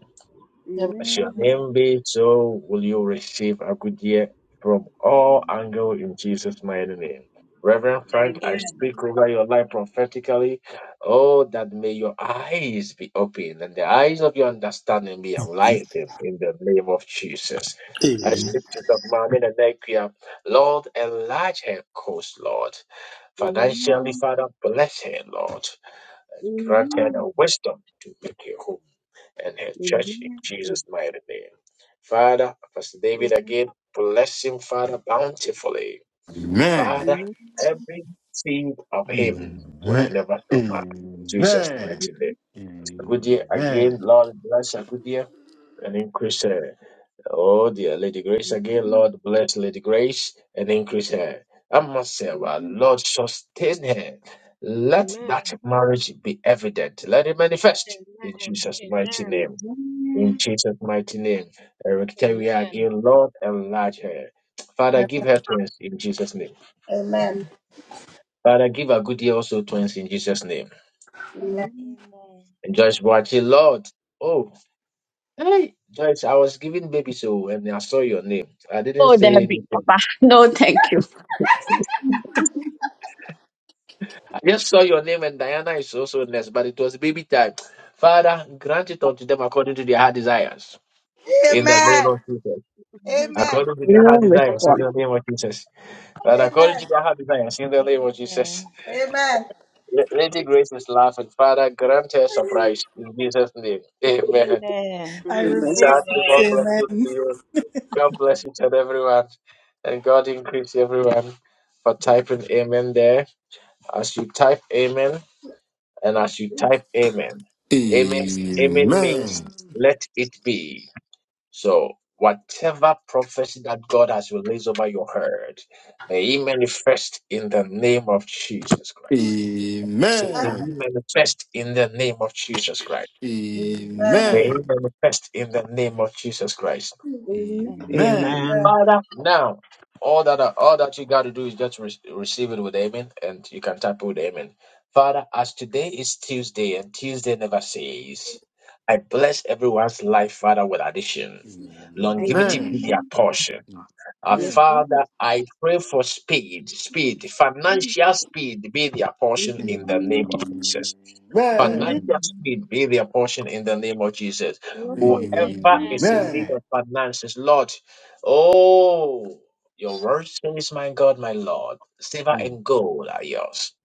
T: Amen.
A: As your
C: Amen.
L: Amen.
A: name be, so will you receive a good year from all angles in Jesus' mighty name. Reverend Frank, I
L: Amen.
A: speak over your life prophetically. Oh, that may your eyes be open and the eyes of your understanding be
K: Amen.
A: enlightened in the name of Jesus. I
K: Amen.
C: Amen.
A: speak to the Mami Nanekia. Lord, enlarge her coast, Lord. Financially, Father, bless her, Lord
C: Amen.
A: and
C: Amen. Amen.
A: granted her wisdom to make her home and her church in
C: Amen. Yes,
A: Jesus'
C: good.
A: mighty name. Father, Pastor David
C: Amen.
A: again, bless him, Father, bountifully.
G: Amen.
A: Father,
C: Lord,
A: every seed of him will
G: Amen.
A: never suffer. Jesus'
G: Amen. Amen.
A: mighty name. Good year
G: Amen.
A: again, Lord, bless her good year and increase her. Oh dear, Lady Grace again. Lord bless Lady Grace and increase her. And Sarah,
C: amen.
A: Lord sustain her. Let that
D: Amen.
A: marriage be evident. Let it manifest in
D: Amen.
A: Jesus'
D: Amen.
A: mighty name. In Jesus' mighty name. Uh, Victoria
D: Amen.
A: again, Lord enlarge her. Father, give her twins in Jesus' name.
T: Amen.
A: Father, give her good year also twins in Jesus' name.
T: Amen.
L: Amen.
A: And Joyce Boachi,
L: Amen.
A: Lord. Oh, hey, Joyce, I was giving baby so and I saw your name. I didn't
E: Oh,
A: say
E: there be
A: anything.
E: Papa. [LAUGHS] No, thank you.
A: I just saw your name and Diana is also next, but it was baby time. Father, grant it unto them according to their heart desires. In the name
T: Amen.
A: of Jesus.
T: Amen.
A: According to
E: We
A: their
E: will
A: heart desires, in
E: respond.
A: the name of Jesus. And according
T: Amen.
A: to their heart desires, in the name of Jesus.
L: Amen.
T: Amen.
A: La- Lady Grace is laughing. Father, grant her surprise. In Jesus' name. Amen.
L: Amen.
B: I
E: Amen.
A: Sad
B: reverse
A: to
B: it,
A: God bless you
B: amen.
A: to you. God bless each and everyone. And God increase everyone for typing amen there. As you type amen, And as you type amen, amen, amen means
G: Amen.
A: let it be. So whatever prophecy that God has released over your head, may it manifest in the name of Jesus
G: Amen.
A: Christ.
G: Amen.
A: Say, may it manifest in the name of Jesus Christ.
T: Uh,
A: May it
G: Amen.
A: manifest in the name of Jesus Christ.
N: Amen.
A: Father. Now, all that all that you got to do is just re- receive it with amen, and you can tap with amen. Father, as today is Tuesday and Tuesday never says, I bless everyone's life, Father, with addition. Longevity be their portion. Uh,
C: Yes,
A: Father,
C: good.
A: I pray for speed, speed, financial speed be their portion in the name of Jesus. Financial speed be their portion in the name of Jesus.
B: Amen.
A: Whoever
D: Amen.
A: is in need of finances, Lord, oh, your word says, my God, my Lord, silver and gold are yours.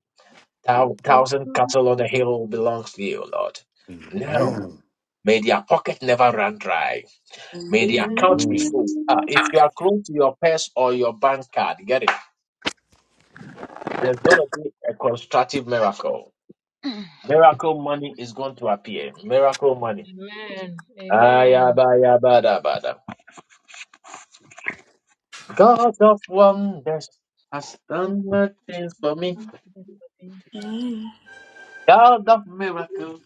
A: Thou thousand cattle on the hill belongs to you, Lord.
G: Amen.
A: Now,
G: Amen.
A: may their pocket never run dry. May the
B: Amen.
G: Amen.
D: Amen.
A: account be
G: Amen.
A: full. Ah, if you are close to your purse or your bank card, get it. There's going to be a constructive miracle. Miracle money is going to appear. Miracle money.
D: Amen. Amen.
A: Ayabadabadabada. God of wonders has done my things for me.
D: Amen.
B: Amen.
A: God of miracles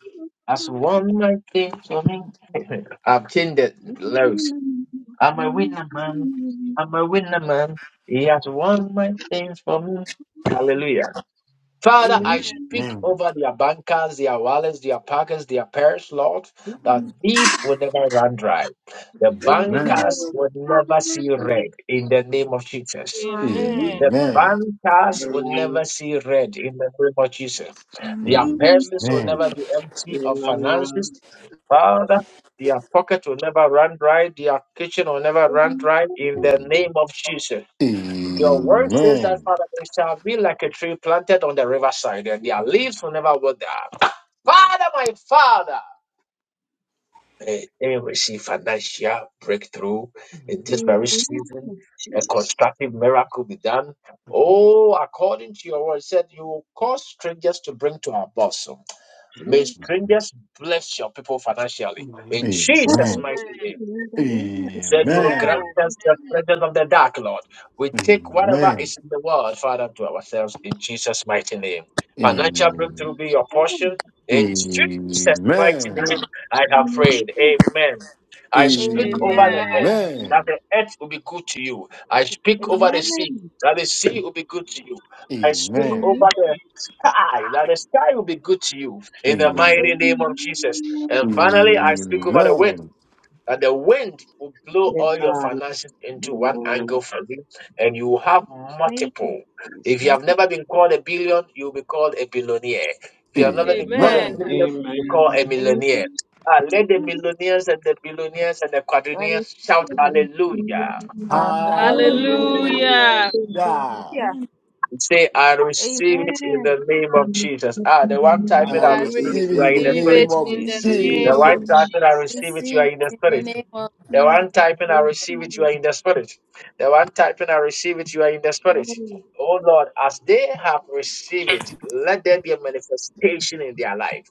A: has won my things for me. [LAUGHS] I've changed the lyrics. I'm a
C: Amen.
A: winner man. I'm a winner man. He has won
C: Amen.
A: my things for me. Hallelujah. Father, I
C: Amen.
D: Amen.
A: speak
G: Amen.
A: over their bankers, their wallets, their pockets, their purse, Lord,
C: Amen.
A: that these will never run dry. The
G: Amen.
A: bankers will never see red in the name of Jesus.
D: Amen.
A: The
C: Hallelujah.
G: Amen.
A: bankers will never
N: Amen.
A: see red in the name of Jesus. Their
G: Amen.
C: Amen.
G: Amen.
A: purses will
G: Amen.
A: never be empty of finances.
N: Amen.
A: Father, their pocket will never run dry. Their kitchen will never run
C: Amen.
A: dry in the name of Jesus. Your word says that,
G: Amen.
A: Father, we shall be like a tree planted on the riverside, and their leaves will never wither. Father, my Father, may they receive financial breakthrough in this
C: In the
A: very
C: name
A: season.
C: of
A: A
C: Jesus.
A: constructive miracle be done. Oh, according to your word, it said you will cause strangers to bring to our bosom. May
C: Jesus.
A: strangers bless your people
G: Amen. Amen. Amen.
A: financially.
G: Amen.
A: In Jesus'
C: Amen. In
A: mighty name.
C: the name of
A: You said you will grant us
C: Jesus.
A: the presence of the dark, Lord. We take whatever is in the world, Father, to ourselves in Jesus' mighty name. Financial breakthrough be your
C: Amen.
A: portion. In
G: Amen.
A: Jesus' mighty name, I have
C: Amen. Amen.
A: prayed. Amen. I speak
D: Amen.
U: Amen. Amen. Amen.
C: Amen.
A: over
U: Amen.
A: the earth that the earth will be good to you. I speak over the sea
C: Amen.
A: that the sea will be good to you. I
G: Amen.
A: speak
D: Amen.
C: Amen.
A: over the sky that the sky will be good to you. In the mighty name of Jesus. And finally, I speak over the wind that the wind will blow all your
N: Amen.
A: finances into one
N: Amen.
A: angle for you and you will have multiple. If you have never been called a billion, you'll be called a billionaire. If you have
B: Amen.
A: never been
G: Amen.
A: called a
D: Amen.
G: Amen.
D: I
A: million,
D: receive
A: you'll be
D: it.
A: called
N: Amen.
A: a
C: Amen.
A: millionaire. Ah, let
D: I
A: the
D: receive it.
A: millionaires and the billionaires and the
C: I receive
A: quadrillionaires shout
C: it.
A: hallelujah.
R: Amen.
B: Hallelujah.
R: God
U: Amen.
N: Hallelujah.
D: Hallelujah.
G: Hallelujah.
C: Hallelujah.
A: Say, I receive it in
C: Amen.
A: the name of Jesus. Ah, the one
N: I
A: typing,
G: I
C: I
A: I
D: I
C: will
A: receive
N: receive
A: it,
G: receive
A: you
G: it
N: it
A: are
G: in
C: sing
A: in
G: the
N: in
C: this
A: the
D: receive
N: the
C: in
G: name
A: spirit.
D: it
N: name
G: of
N: of
D: in the
C: Jesus'
D: name
A: The
N: Jesus.
A: one
D: of
G: Jesus.
A: typing, I
D: Jesus.
A: receive it, you are
P: Receive
A: in the
P: it
A: spirit.
P: in the name of
A: The one typing, I receive it, you are in the spirit. The one typing, I receive it, you are in the spirit.
C: glory.
A: Oh Lord, as they have received it, let there be a manifestation in their life.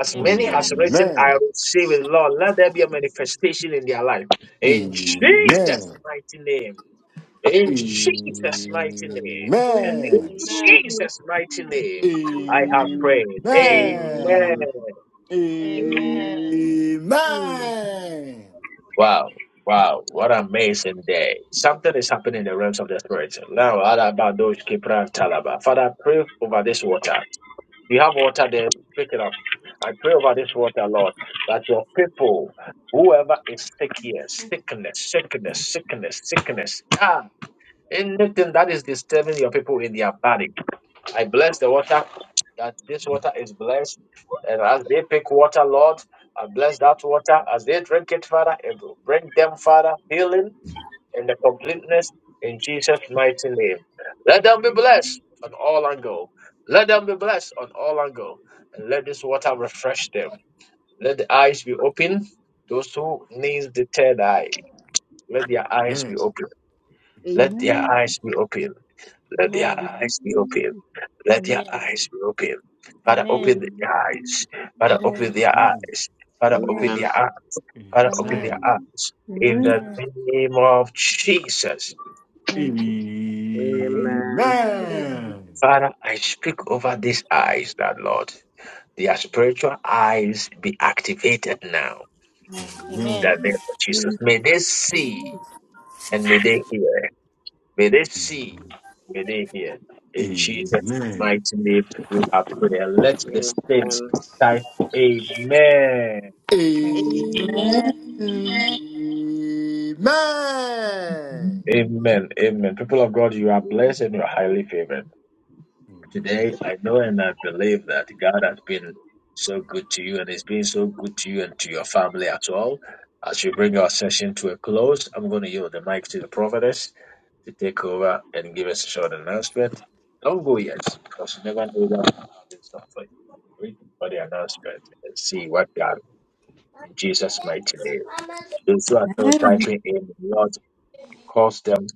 A: As many as
D: Amen.
A: written, I
G: Amen.
A: receive it, Lord, let there be a manifestation in their life. In Jesus'
G: Amen.
A: mighty name.
G: Amen.
A: In Jesus' mighty name.
G: Amen.
A: In
C: Amen. I
D: Amen.
C: will
A: Jesus' mighty
C: sing it
G: Amen.
A: name,
C: in Jesus'
A: I have
C: name.
A: prayed.
G: Amen.
N: Amen.
A: Amen.
C: Amen.
D: Amen.
C: Amen.
G: Amen.
A: Wow, wow, what an amazing day. Something is happening in the realms of the spirit. Now, Ada Badosh Kipra Talaba. Father, I pray over this water. If you have water there, pick it up. I pray over this water, Lord, that your people, whoever is sick here, sickness, sickness, sickness, sickness, ah. Anything that is disturbing your people in their body, I bless the water that this water is blessed. And as they pick water, Lord, I bless that water as they drink it, Father. It will bring them, Father, healing and the completeness in Jesus' mighty name. Let them be blessed on all angle. Let them be blessed on all angle. And let this water refresh them. Let the eyes be open. Those who need the third eye, let their eyes be open. Let their
C: Amen.
P: Jesus.
A: eyes be open. Let
O: Amen.
A: their
P: Amen.
C: Amen.
A: eyes be open. Let their
P: Amen.
A: eyes be open. Father, open
P: Amen.
A: their
C: Amen.
A: eyes.
C: Amen.
A: Father, open
P: Amen.
A: their eyes. Father, open
P: Amen.
N: Amen.
A: their eyes. Father, open their
P: Amen.
C: Amen.
A: eyes. In the
P: Amen.
A: name of Jesus.
N: Amen.
G: Amen.
A: Father, I speak over these eyes, that Lord. Their spiritual eyes be activated now. In
P: Amen.
A: The name of Jesus. May they see
C: Amen.
A: and may they hear. May they see,
G: Amen.
A: may they hear. In
G: Amen.
A: Jesus'
G: Amen.
A: mighty name, we are praying. Let the saints
N: Amen.
A: type Amen.
G: Amen.
A: Amen. Amen. People of God, you are blessed and you are highly favored.
G: Amen.
A: Today, I know and I believe that God has been so good to you and is being so good to you and to your family as well. As we bring
G: Amen.
A: our session to a close, I'm going to yield the mic to the prophetess to take over and give us a short announcement. Don't go yet, because you never know what God has in store for you. Read for the announcement and see what God in Jesus' mighty name. Those who are still
B: Amen.
A: typing in, Lord, cause them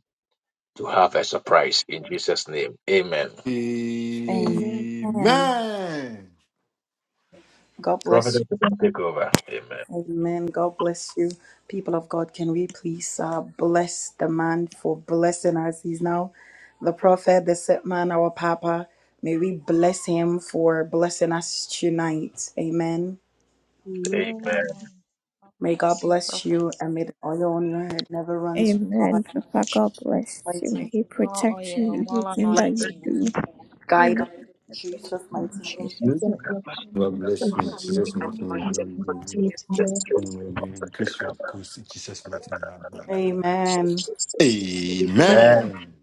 A: to have a surprise in Jesus' name. Amen.
C: Amen.
B: Amen.
G: Amen.
B: God bless you.
A: Prophetess, you can take over. Amen.
B: Amen. God bless you. People of God, can we please uh, bless the man for blessing us? He's now the prophet, the set man, our papa. May we bless him for blessing us tonight. Amen.
A: Amen.
L: Amen. God
B: May God
L: bless you,
B: bless
L: prophet.
B: you and may the oil on your head never runs dry.
Q: Amen.
B: In
Q: Papa, God
B: Jesus'
Q: bless you.
B: Mighty
Q: May
B: name.
Q: He
L: More
Q: protect you in
L: oil, more
Q: everything
B: Bless,
Q: that you
A: Thank
L: anointing.
Q: do.
B: Guide us
Q: Amen.
B: in Jesus' mighty name.
A: you.
Q: Jesus. name.
R: bless you.
G: God bless
R: And
G: you.
R: God bless
E: The
G: Jesus mighty
R: you.
E: anointed
G: name.
E: to
R: Amen.
E: flow
G: Amen. You
E: over
G: Increase your grace in Jesus mighty name. Amen.
B: Amen.
E: Jesus' name. And
A: Amen.
L: Amen.
G: Amen.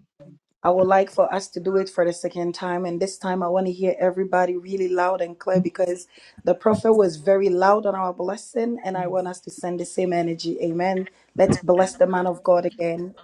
B: I would like for us to do it for the second time. And this time I want to hear everybody really loud and clear because the prophet was very loud on our blessing. And I want us to send the same energy. Amen. Let's bless the man of God again.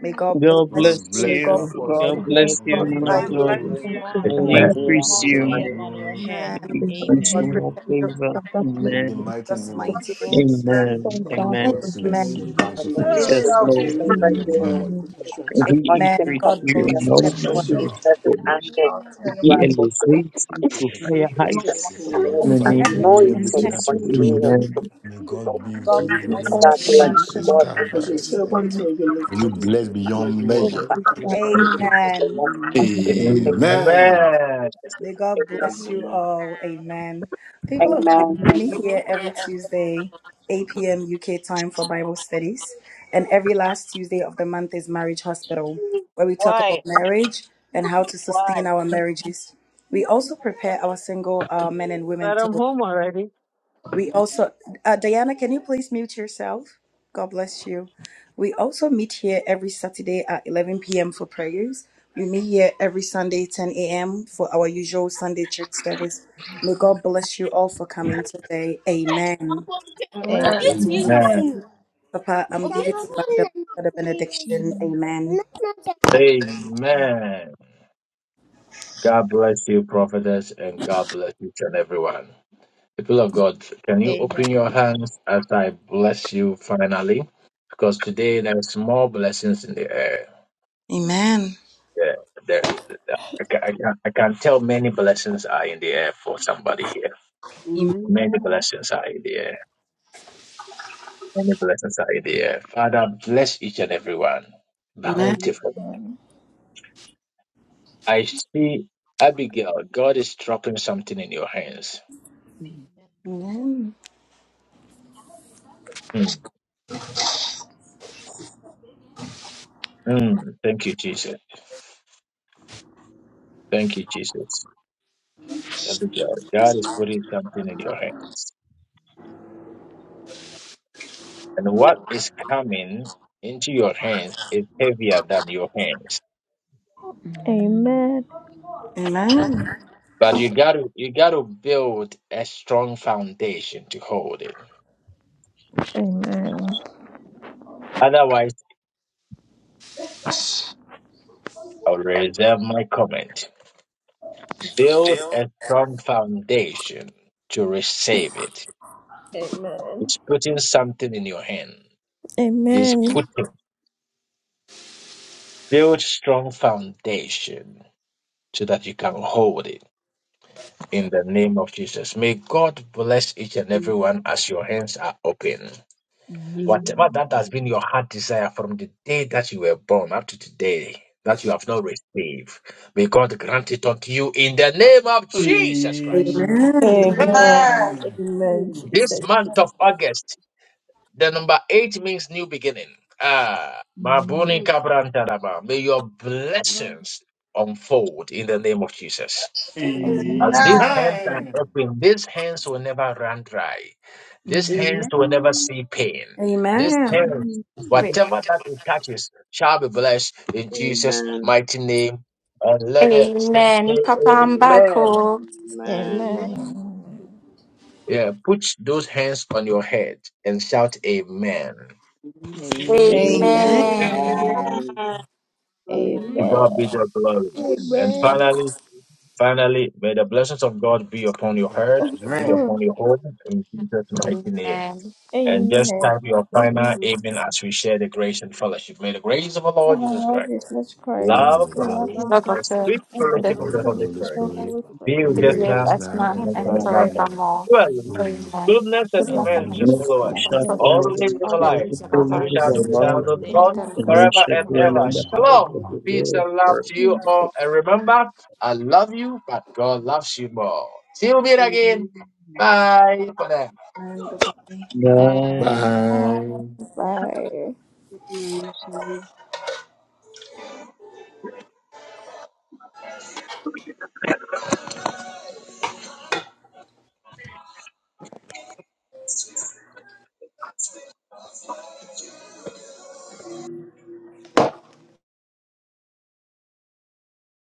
B: May God
S: God
B: bless
S: bless
G: God
B: you. May
G: bless
B: God
G: you,
S: you.
N: God
B: protect
S: God
G: Apostle.
B: you.
R: And
L: God bless
R: God
S: bless
N: bless
S: you,
G: You
N: you,
B: God
R: bless
S: man of
G: Increase
B: guide
L: you.
U: God
R: you.
G: your
N: prophet,
B: you.
S: God,
U: bless
R: And
G: grace.
R: God
U: you,
L: More
N: and
S: and
R: bless
A: Amen.
R: you.
G: You
L: anointing,
N: everyone
S: increase
L: more
G: Increase your
S: you.
L: oil
N: today.
L: on your
G: glory.
L: head.
B: Amen.
S: He
R: We the a
B: May
S: grants
G: In
L: Amen.
S: you
B: God
R: name of
S: more
G: in-
B: protect your
R: Jesus, so
S: favor.
R: that
B: family. In
R: makes
G: in
O: Amen.
G: the
R: us
S: Amen.
G: mighty
B: Jesus'
G: name
R: to
G: of
T: God
B: mighty
T: bless
B: name.
T: you,
G: Jesus.
T: bless
S: Amen.
R: stand
T: you.
K: God
R: up
G: God
R: for
S: Amen.
K: bless you.
B: Amen.
K: May
G: bless
R: him.
G: you
K: you
E: the
K: pursue, may
T: We
G: bountifully.
K: you
E: Lord's
S: Yes,
U: Oh,
T: shall
E: favor.
T: be
S: Lord.
K: strengthen,
T: blessed.
K: may
E: Favor
K: you
R: We
E: you.
K: empower, may you
G: Amen.
K: put in
E: The
K: strength to you.
S: we
E: anointing
B: Amen.
S: increase
B: God
S: you in
B: bless
E: continues to
S: all
K: God
E: flow
K: bless you.
S: numbers
B: everyone.
S: Lord,
T: Our sin
S: to
E: And
T: and
E: you
S: be
E: are born
T: our-
E: of
S: elevated
E: divine
S: to
E: favor.
S: higher
C: Amen. Amen.
K: Thank you,
E: Jesus,
C: Amen.
S: heights
G: For
E: may
G: your
S: in
K: Lord.
S: the
R: stand up
S: name of
R: for
C: Amen.
G: family, everything
B: Amen.
S: Jesus.
G: that you
R: him.
G: do,
E: continue to
S: Amen.
G: may
E: flow.
G: God be with
B: God
G: you in
C: Amen.
K: Thank
G: the
R: We
K: you.
G: name
B: bless
R: all
G: of
E: God bless
R: know
B: everyone.
E: you.
G: Jesus.
R: that
E: God
G: God, by
K: As your
G: His Spirit.
R: upon
K: servant may be
R: us,
G: May you
K: lifted,
R: we
G: bless
K: may your grace be
G: beyond
K: more
R: thank
G: measure.
K: abundant
R: you,
K: upon
A: Thank
K: the
A: you.
K: life.
B: Amen.
R: God.
C: Amen.
G: Amen.
A: Amen.
B: May God bless you
N: Amen.
B: all. Amen. People of God,
E: Amen.
A: Amen.
B: we meet here every Tuesday, 8 p.m. UK time for Bible studies. And every last Tuesday of the month is Marriage Hospital, where we talk about
U: why?
B: marriage and how to
U: Why?
B: sustain our marriages. We also prepare our single uh, men and women
U: But
B: to
U: I'm home already.
B: we also, uh, Diana, can you please mute yourself? God bless you. We also meet here every Saturday at 11 p.m. for prayers. We meet here every Sunday 10 a.m. for our usual Sunday church service. May God bless you all for coming today. Amen.
L: Amen.
B: Papa, I'm giving you back the, for the
O: Amen.
B: benediction.
O: Amen.
B: Amen.
L: Am-
A: Amen. God bless you, prophetess, and God bless each and everyone. People of God, can you open your
L: Amen.
A: hands as I bless you finally? Because today there's more blessings in the air.
B: Amen.
A: Yeah, there, I, can, I, can, I can tell many blessings are in the air for somebody here.
B: Amen.
A: Many blessings are in the air. Many blessings are in the air. Father, bless each and everyone.
B: Amen.
A: Bountiful.
L: Amen.
A: I see Abigail, God is dropping something in your hands.
O: Amen.
B: Amen.
A: Mm. Mm. Thank you, Jesus. Thank you, Jesus. Abigail, God is putting something in your hands. And what is coming into your hands is heavier than your hands.
O: Mhm.
Q: Amen.
A: But you gotta you gotta build a strong foundation to hold it.
Q: Amen.
A: Otherwise, I'll reserve my comment. build a strong foundation to receive it. He's putting something in your hand. He's
Q: Amen.
A: putting build strong foundation so that you can hold it in the name of Jesus. May God bless each and everyone as your hands are open.
O: Mhm.
A: Whatever that has been your heart desire from the day that you were born up to today that you have not received, may God grant it unto you in the name of Jesus Christ.
G: Amen.
B: Amen.
Q: Amen.
T: Amen.
Q: Amen,
A: This
Q: Jesus.
A: month of August. The number eight means new beginning. Ah, Mabuni
C: My
O: Mhm.
A: Kabrantaraba. May your
C: God
A: blessings unfold in the name of Jesus.
C: is a
O: Mhm.
A: As
C: man.
A: these
T: Amen.
A: hands are
G: Amen.
A: open, these hands will never run dry. These hands
C: Amen.
A: will never see pain. These
B: Amen.
G: Amen.
A: hands,
C: Amen.
A: whatever that it touches, shall be blessed in Jesus'
N: Amen.
A: mighty name. And let it say
M: Amen. Papa
A: amen.
M: Mbako.
C: Amen.
A: Yeah, put those hands on your head and shout amen.
L: Amen.
N: Amen.
B: Amen.
L: Amen.
C: Amen.
M: Amen.
N: Amen.
A: To
C: Hallelujah.
Q: Amen.
A: God be the glory. And
Q: Amen.
A: finally,
N: Amen.
A: finally, may the blessings of God be upon your heart and be
G: Amen.
Q: Oh,
A: upon your home in Jesus' mighty name.
M: Amen.
A: And just type your
Q: Amen.
A: final
C: Amen.
A: amen as we share the grace and fellowship. May the grace of our Lord
Q: Of our
A: Jesus
Q: Lord
A: Christ,
Q: Jesus Christ,
A: love of
G: Mm,
Q: the
A: God,
Q: love
G: Lord,
L: Please,
C: Love
Q: of
M: Lord
A: and
Q: God,
A: the
M: of the,
A: sweet
Q: and the
M: the
A: fellowship of
C: God
G: Lord,
A: the
G: the
Q: fellowship
A: Holy
G: Holy
Q: of
A: Spirit.
Q: the
G: Spirit,
Q: Holy Spirit,
A: Bill
M: be
G: be
A: just
G: with
M: with
A: now.
G: us
M: us
C: and
Q: be
G: now
Q: with
M: now
Q: us
G: and
A: no
Q: now and
M: and
L: it's
Q: comfort.
O: Amen.
A: about that.
G: forevermore.
M: forevermore.
A: Well,
G: Amen.
M: Amen.
A: goodness and
Q: Jesus,
M: Give
L: been a blessing. Join
M: us a
A: mercy
L: me
A: shall
Q: the
M: moment
S: And
A: follow
L: the
S: we
A: us
G: Amen.
L: next
M: from
S: shall
L: time
Q: Messiah.
L: that
A: all
M: program.
S: follow
L: the
A: the
S: the
A: days of
L: child
M: All
A: our
M: the
S: trail
L: follows
A: life,
S: of
M: things of
S: the
M: our
L: us.
A: and
S: days
A: we
S: of
A: shall
S: our
M: lives.
A: do the house
L: In
S: lives,
A: of
L: the
A: the
L: name
A: Lord
L: of our
S: and
L: Lord
S: we
A: forever
S: shall
L: Jesus
A: and
M: Amen.
L: Christ,
S: dwell
A: ever.
S: in the house of
A: Shalom,
L: the
S: the
A: peace and love
S: Lord
A: to
B: Amen.
A: you all. And
L: Lord,
A: remember, I love you, but God loves you more. Till we meet again. Bye for now.
S: forever.
L: the
G: Bye.
Q: Bye.
C: I'm sorry.